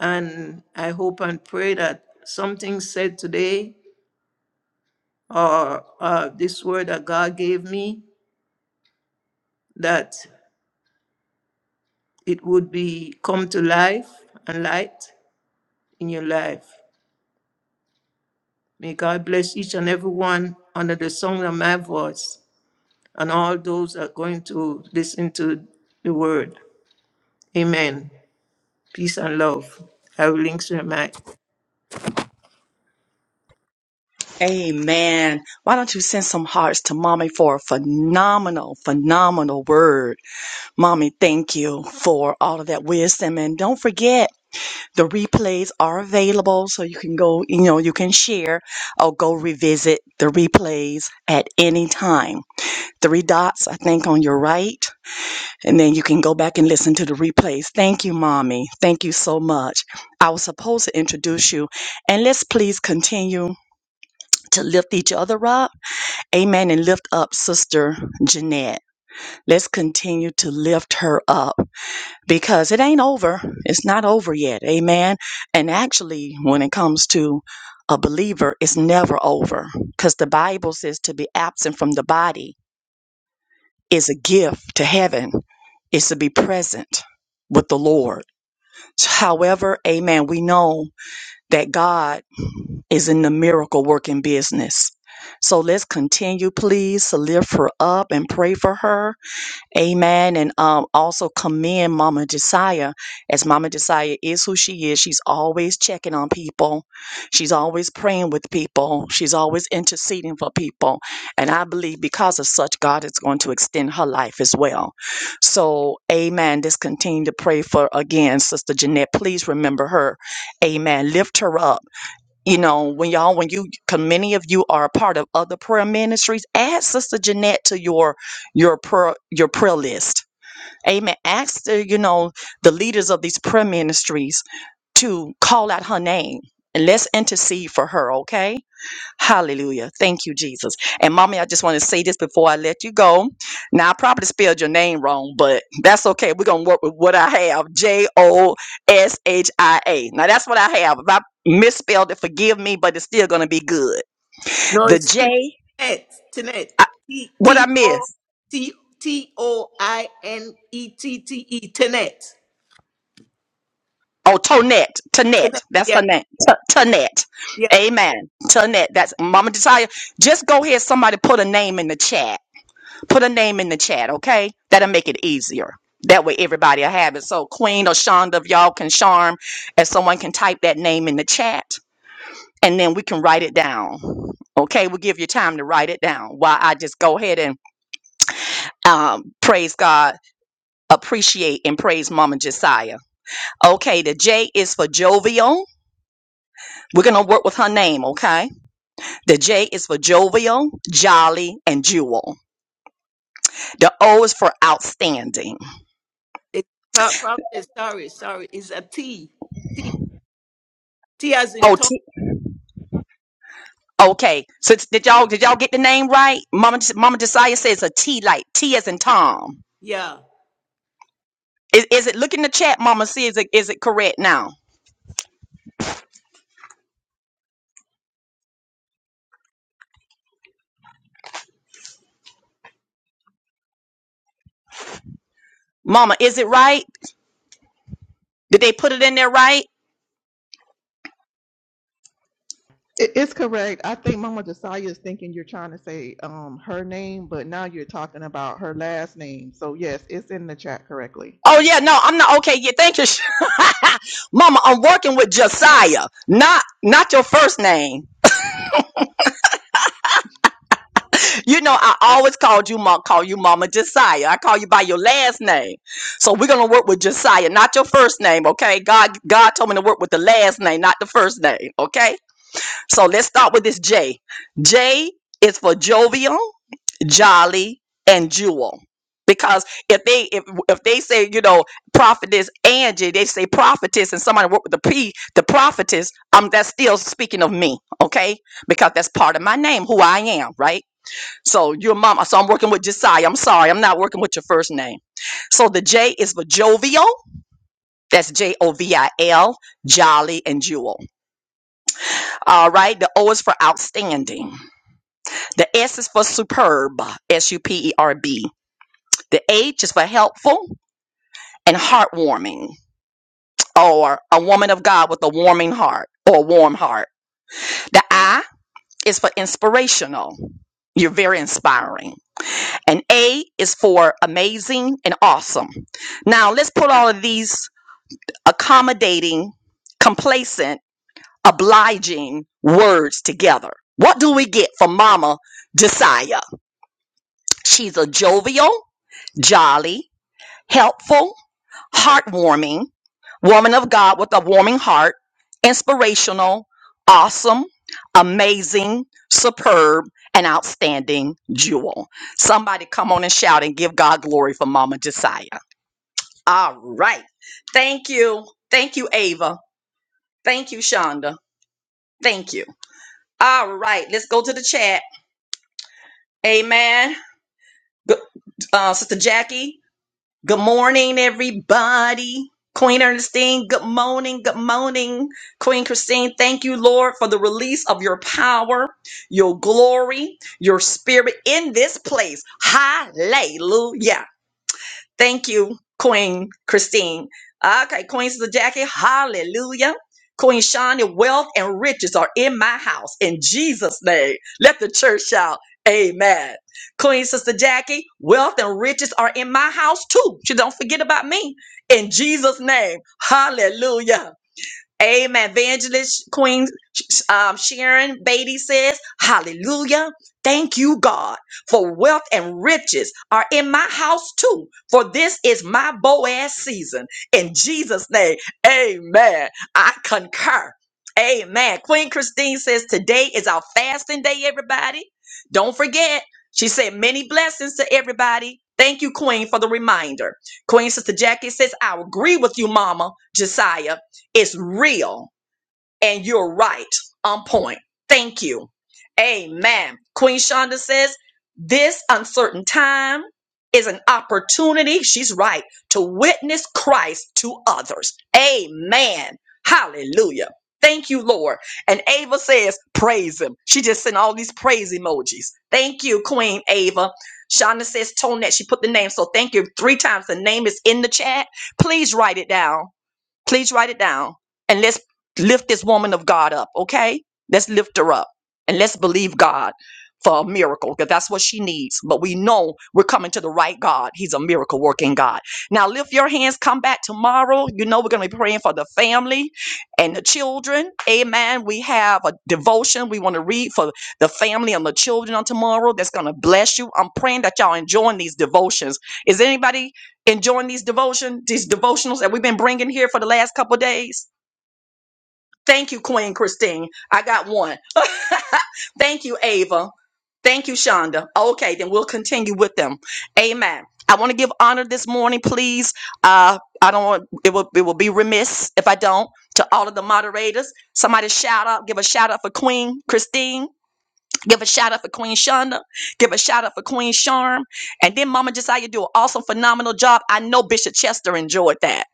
B: And I hope and pray that something said today or uh, this word that God gave me that it would be come to life and light in your life. May God bless each and every one under the sound of my voice and all those that are going to listen to the word. Amen. Peace and love. I will link to my mic.
A: The replays are available, so you can go, you know, you can share or go revisit the replays at any time. Three dots, I think, on your right. And then you can go back and listen to the replays. Thank you, Mommy. Thank you so much. I was supposed to introduce you. And let's please continue to lift each other up. Amen. And lift up Sister Jeanette. Let's continue to lift her up because it ain't over. It's not over yet. Amen. And actually, when it comes to a believer, it's never over because the Bible says to be absent from the body is a gift to heaven, is to be present with the Lord. However, amen, we know that God is in the miracle working business. So let's continue, please, to lift her up and pray for her Amen. And um, also commend Mama Josiah, as Mama Josiah is who she is. She's always checking on people. She's always praying with people. She's always interceding for people. And I believe because of such, God is going to extend her life as well. So, amen. Just continue to pray for, again, Sister Jeanette. Please remember her. Amen. Lift her up you know when y'all when you because many of you are a part of other prayer ministries add sister jeanette to your your prayer your prayer list amen ask the, you know the leaders of these prayer ministries to call out her name and let's intercede for her okay Hallelujah. Thank you, Jesus. And mommy, I just want to say this before I let you go. Now, I probably spelled your name wrong, but that's okay. We're going to work with what I have J O S H I A. Now, that's what I have. If I misspelled it, forgive me, but it's still going to be good.
B: No,
A: The
B: it's
A: J,
B: Tinet. Tinet.
A: I,
B: T
A: what I
B: T O
A: missed?
B: T T O I N E T T E. Tinet.
A: Oh, Tonette. Tonette. That's
B: Yeah,
A: her name. T- Tonette.
B: yeah.
A: Amen. Tonette. That's Mama Desire. Just go ahead. Somebody put a name in the chat Put a name in the chat, okay? That'll make it easier. That way everybody will have it. So Queen or Shonda, if y'all can charm, and someone can type that name in the chat, and then we can write it down. Okay, we'll give you time to write it down while I just go ahead and um, praise God, appreciate and praise Mama Josiah. Okay, the J is for jovial. We're going to work with her name, okay? The J is for jovial, jolly, and jewel. The O is for outstanding.
B: It's pro- probably sorry, sorry. It's a T. T T as in tongue.
A: Okay. So it's- did y'all did y'all get the name right? Mama Mama Josiah says a T light. T as in Tom.
B: Yeah.
A: Is, is it look in the chat, Mama? See is it is it correct now? Mama, is it right? Did they put it in there right?
C: It- It's correct. I think Mama Josiah is thinking you're trying to say um her name, but now you're talking about her last name. So yes, it's in the chat correctly.
A: Oh yeah, no, I'm not okay. Yeah, thank you, Mama. I'm working with Josiah, not not your first name. You know, I always called you mom, call you Mama Josiah. I call you by your last name. So we're gonna work with Josiah, not your first name, okay? God God told me to work with the last name, not the first name, okay? So let's start with this J. J is for jovial, jolly, and jewel. Because if they if, if they say you know prophetess Angie, they say prophetess, and somebody work with the P, the prophetess. Um, that's still speaking of me, okay? Because that's part of my name, who I am, right? So your mama. So I'm working with Josiah. I'm sorry, I'm not working with your first name. So the J is for jovial. That's J O V I L, jolly and jewel. All right. The O is for outstanding. The S is for superb, S U P E R B. The H is for helpful and heartwarming, or a woman of God with a warming heart or a warm heart. The I is for inspirational. You're very inspiring. And A is for amazing and awesome. Now let's put all of these accommodating, complacent, obliging words together. What do we get from Mama Josiah? She's a jovial, jolly, helpful, heartwarming, woman of God with a warming heart, inspirational, awesome, amazing, superb, and outstanding jewel. Somebody come on and shout and give God glory for Mama Josiah. All right. Thank you. Thank you, Ava. Thank you, Shonda. Thank you. All right. Let's go to the chat. Amen. G- Uh, Sister Jackie. Good morning, everybody. Queen Ernestine, good morning, good morning. Queen Christine, thank you, Lord, for the release of your power, your glory, your spirit in this place. Hallelujah. Thank you, Queen Christine. Okay, Queen Sister Jackie, hallelujah. Queen Shani, wealth and riches are in my house in Jesus' name. Let the church shout, Amen. Queen Sister Jackie, wealth and riches are in my house too. She don't forget about me in Jesus' name. Hallelujah. Amen. Evangelist Queen um, Sharon Beatty says, Hallelujah. Thank you, God, for wealth and riches are in my house too. For this is my Boaz season. In Jesus' name, amen. I concur. Amen. Queen Christine says, Today is our fasting day, everybody. Don't forget, she said, Many blessings to everybody. Thank you, Queen, for the reminder. Queen Sister Jackie says, I agree with you, Mama Josiah. It's real. And you're right on point. Thank you. Amen. Queen Shonda says, This uncertain time is an opportunity, she's right, to witness Christ to others. Amen. Hallelujah. Thank you, Lord. And Ava says, Praise Him. She just sent all these praise emojis. Thank you, Queen Ava. Shonda says, Tonette, she put the name. So thank you three times. The name is in the chat. Please write it down Please write it down and let's lift this woman of God up, okay? Let's lift her up and let's believe God for a miracle because that's what she needs. But we know we're coming to the right God. He's a miracle working God. Now lift your hands, come back tomorrow. You know we're going to be praying for the family and the children. Amen. We have a devotion we want to read for the family and the children on tomorrow that's going to bless you. I'm praying that y'all enjoying these devotions. Is anybody enjoying these devotion, these devotionals that we've been bringing here for the last couple of days? Thank you, Queen Christine. I got one. Thank you, Ava. Thank you, Shonda. Okay, then we'll continue with them. Amen. I want to give honor this morning, please. Uh, I don't want it will it will be remiss if I don't to all of the moderators. Somebody shout out, give a shout out for Queen Christine. Give a shout out for Queen Shonda. Give a shout out for Queen Charm. And then Mama Josiah do an awesome, phenomenal job. I know Bishop Chester enjoyed that.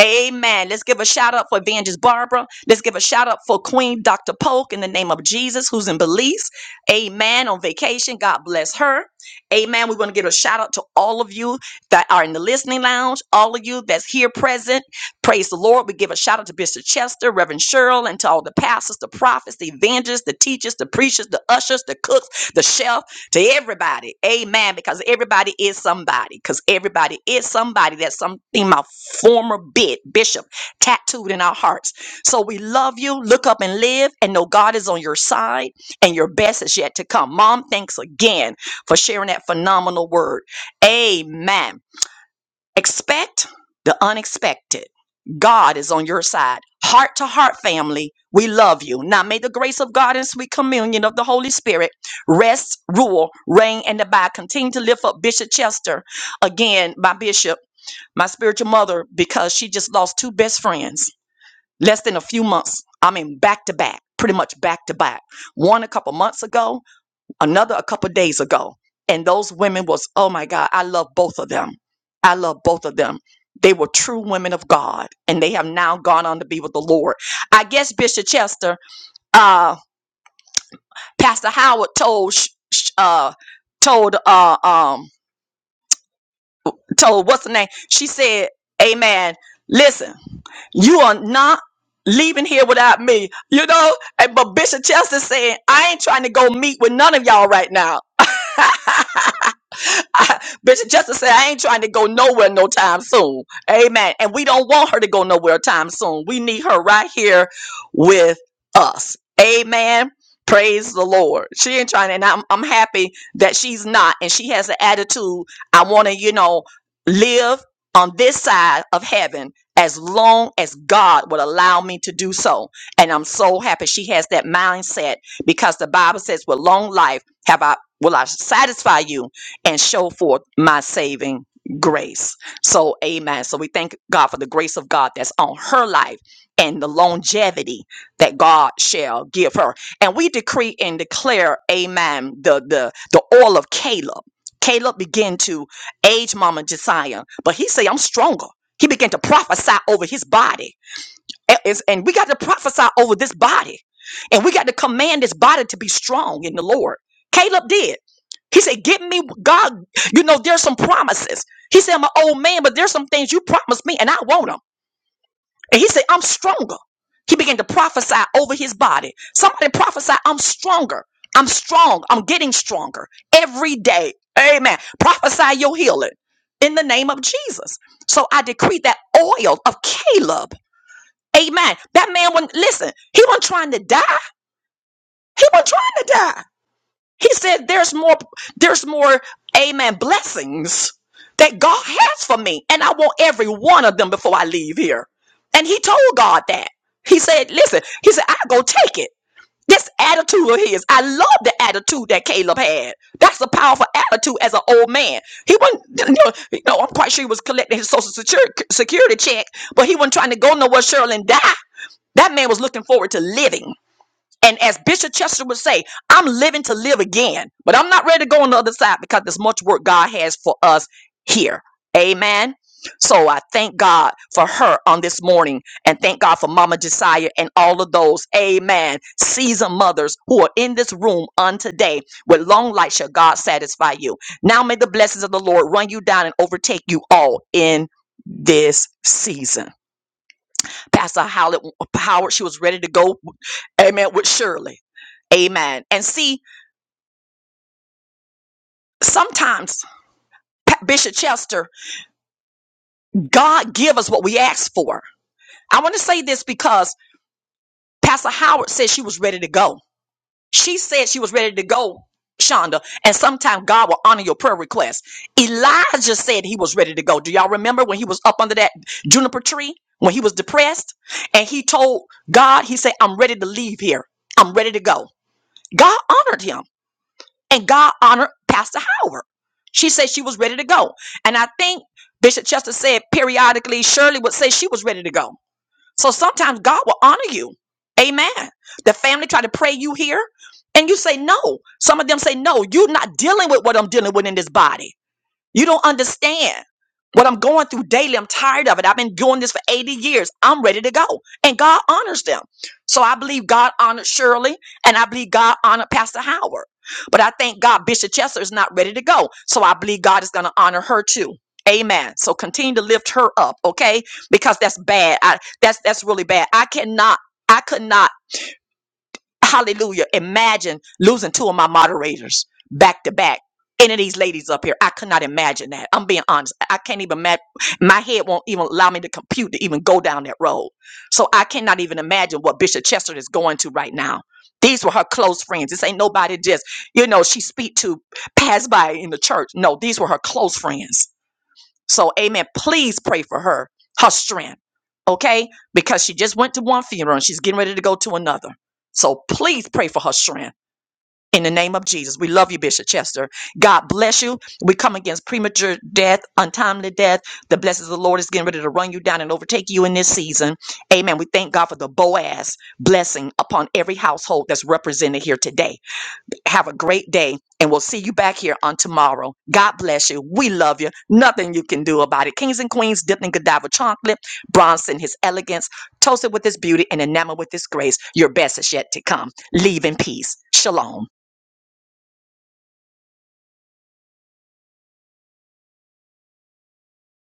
A: Amen. Let's give a shout out for Evangelist Barbara. Let's give a shout out for Queen Dr. Polk in the name of Jesus, who's in Belize. Amen. On vacation. God bless her. Amen. We want to give a shout out to all of you that are in the listening lounge, all of you that's here present. Praise the Lord. We give a shout out to Bishop Chester, Reverend Cheryl, and to all the pastors, the prophets, the evangelists, the teachers, the preachers, the ushers, the cooks, the chef, to everybody. Amen. Because everybody is somebody. Because everybody is somebody. That's something my former bit, bishop tattooed in our hearts. So we love you. Look up and live and know God is on your side and your best is yet to come. Mom, thanks again for sharing that phenomenal word. Amen. Expect the unexpected. God is on your side. Heart to heart, family, we love you. Now may the grace of God and sweet communion of the Holy Spirit rest, rule, reign, and abide. Continue to lift up Bishop Chester again, my bishop, my spiritual mother, because she just lost two best friends less than a few months. I mean, back to back, pretty much back to back. One a couple months ago, another a couple days ago and those women was oh my god i love both of them i love both of them they were true women of god and they have now gone on to be with the lord i guess bishop chester uh pastor howard told sh- sh- uh told uh um told what's the name she said amen listen you are not leaving here without me you know and but bishop chester saying i ain't trying to go meet with none of y'all right now I, Bishop Justice said, I ain't trying to go nowhere no time soon. Amen. And we don't want her to go nowhere time soon. We need her right here with us. Amen. Praise the Lord. She ain't trying, and I'm, I'm happy that she's not. And she has the attitude I want to, you know, live on this side of heaven as long as God would allow me to do so. And I'm so happy she has that mindset because the Bible says, with long life, have I will I satisfy you and show forth my saving grace. So, amen. So, we thank God for the grace of God that's on her life and the longevity that God shall give her. And we decree and declare, amen, the, the, the oil of Caleb. Caleb began to age Mama Josiah, but he say, I'm stronger. He began to prophesy over his body. And it's- and we got to prophesy over this body. And we got to command this body to be strong in the Lord. Caleb did. He said, "Give me, God. You know, there's some promises. He said, I'm an old man, but there's some things you promised me, and I want them. And he said, I'm stronger. He began to prophesy over his body. Somebody prophesy, I'm stronger. I'm strong. I'm getting stronger every day. Amen. Prophesy your healing in the name of Jesus. So I decree that oil of Caleb. Amen. That man wasn't listen, he wasn't trying to die. He wasn't trying to die. He said, There's more, there's more, amen, blessings that God has for me. And I want every one of them before I leave here. And he told God that. He said, Listen, he said, I go take it. This attitude of his, I love the attitude that Caleb had. That's a powerful attitude as an old man. He wasn't, you know, you know, I'm quite sure he was collecting his social security, security check, but he wasn't trying to go nowhere, Cheryl, and die. That man was looking forward to living. And as Bishop Chester would say, I'm living to live again, but I'm not ready to go on the other side because there's much work God has for us here. Amen. So I thank God for her on this morning and thank God for Mama Josiah and all of those, amen, seasoned mothers who are in this room on today. With long life shall God satisfy you. Now may the blessings of the Lord run you down and overtake you all in this season. Pastor Howard, Howard, she was ready to go, amen, with Shirley. Amen. And see, sometimes, Pa- Bishop Chester, God give us what we ask for. I want to say this because Pastor Howard said she was ready to go. She said she was ready to go, Shonda. And sometimes God will honor your prayer request. Elijah said he was ready to go. Do y'all remember when he was up under that juniper tree? When he was depressed and he told God, he said, I'm ready to leave here. I'm ready to go. God honored him. and God honored Pastor Howard. She said she was ready to go. And I think Bishop Chester said periodically Shirley would say she was ready to go. So sometimes God will honor you. Amen. The family try to pray you here and you say no. Some of them say no, you're not dealing with what I'm dealing with in this body. You don't understand what I'm going through daily. I'm tired of it. I've been doing this for 80 years. I'm ready to go. And God honors them. So I believe God honored Shirley and I believe God honored Pastor Howard. But I thank God Bishop Chester is not ready to go. So I believe God is going to honor her too. Amen. So continue to lift her up, okay? Because that's bad. I, that's that's really bad. I cannot. I could not. Hallelujah. Imagine losing two of my moderators back to back. Any of these ladies up here, I could not imagine that. I'm being honest. I I can't even, ma- my head won't even allow me to compute to even go down that road. So I cannot even imagine what Bishop Chester is going to right now. These were her close friends. This ain't nobody just, you know, she speak to pass by in the church. No, these were her close friends so, amen. Please pray for her, her strength, okay? Because she just went to one funeral and she's getting ready to go to another. So, please pray for her strength. In the name of Jesus, we love you, Bishop Chester. God bless you. We come against premature death, untimely death. The blessings of the Lord is getting ready to run you down and overtake you in this season. Amen. We thank God for the Boaz blessing upon every household that's represented here today. Have a great day, and we'll see you back here on tomorrow. God bless you. We love you. Nothing you can do about it. Kings and queens, dipped in Godiva chocolate, Bronson, his elegance, toasted with his beauty, and enamored with his grace. Your best is yet to come. Leave in peace. Shalom.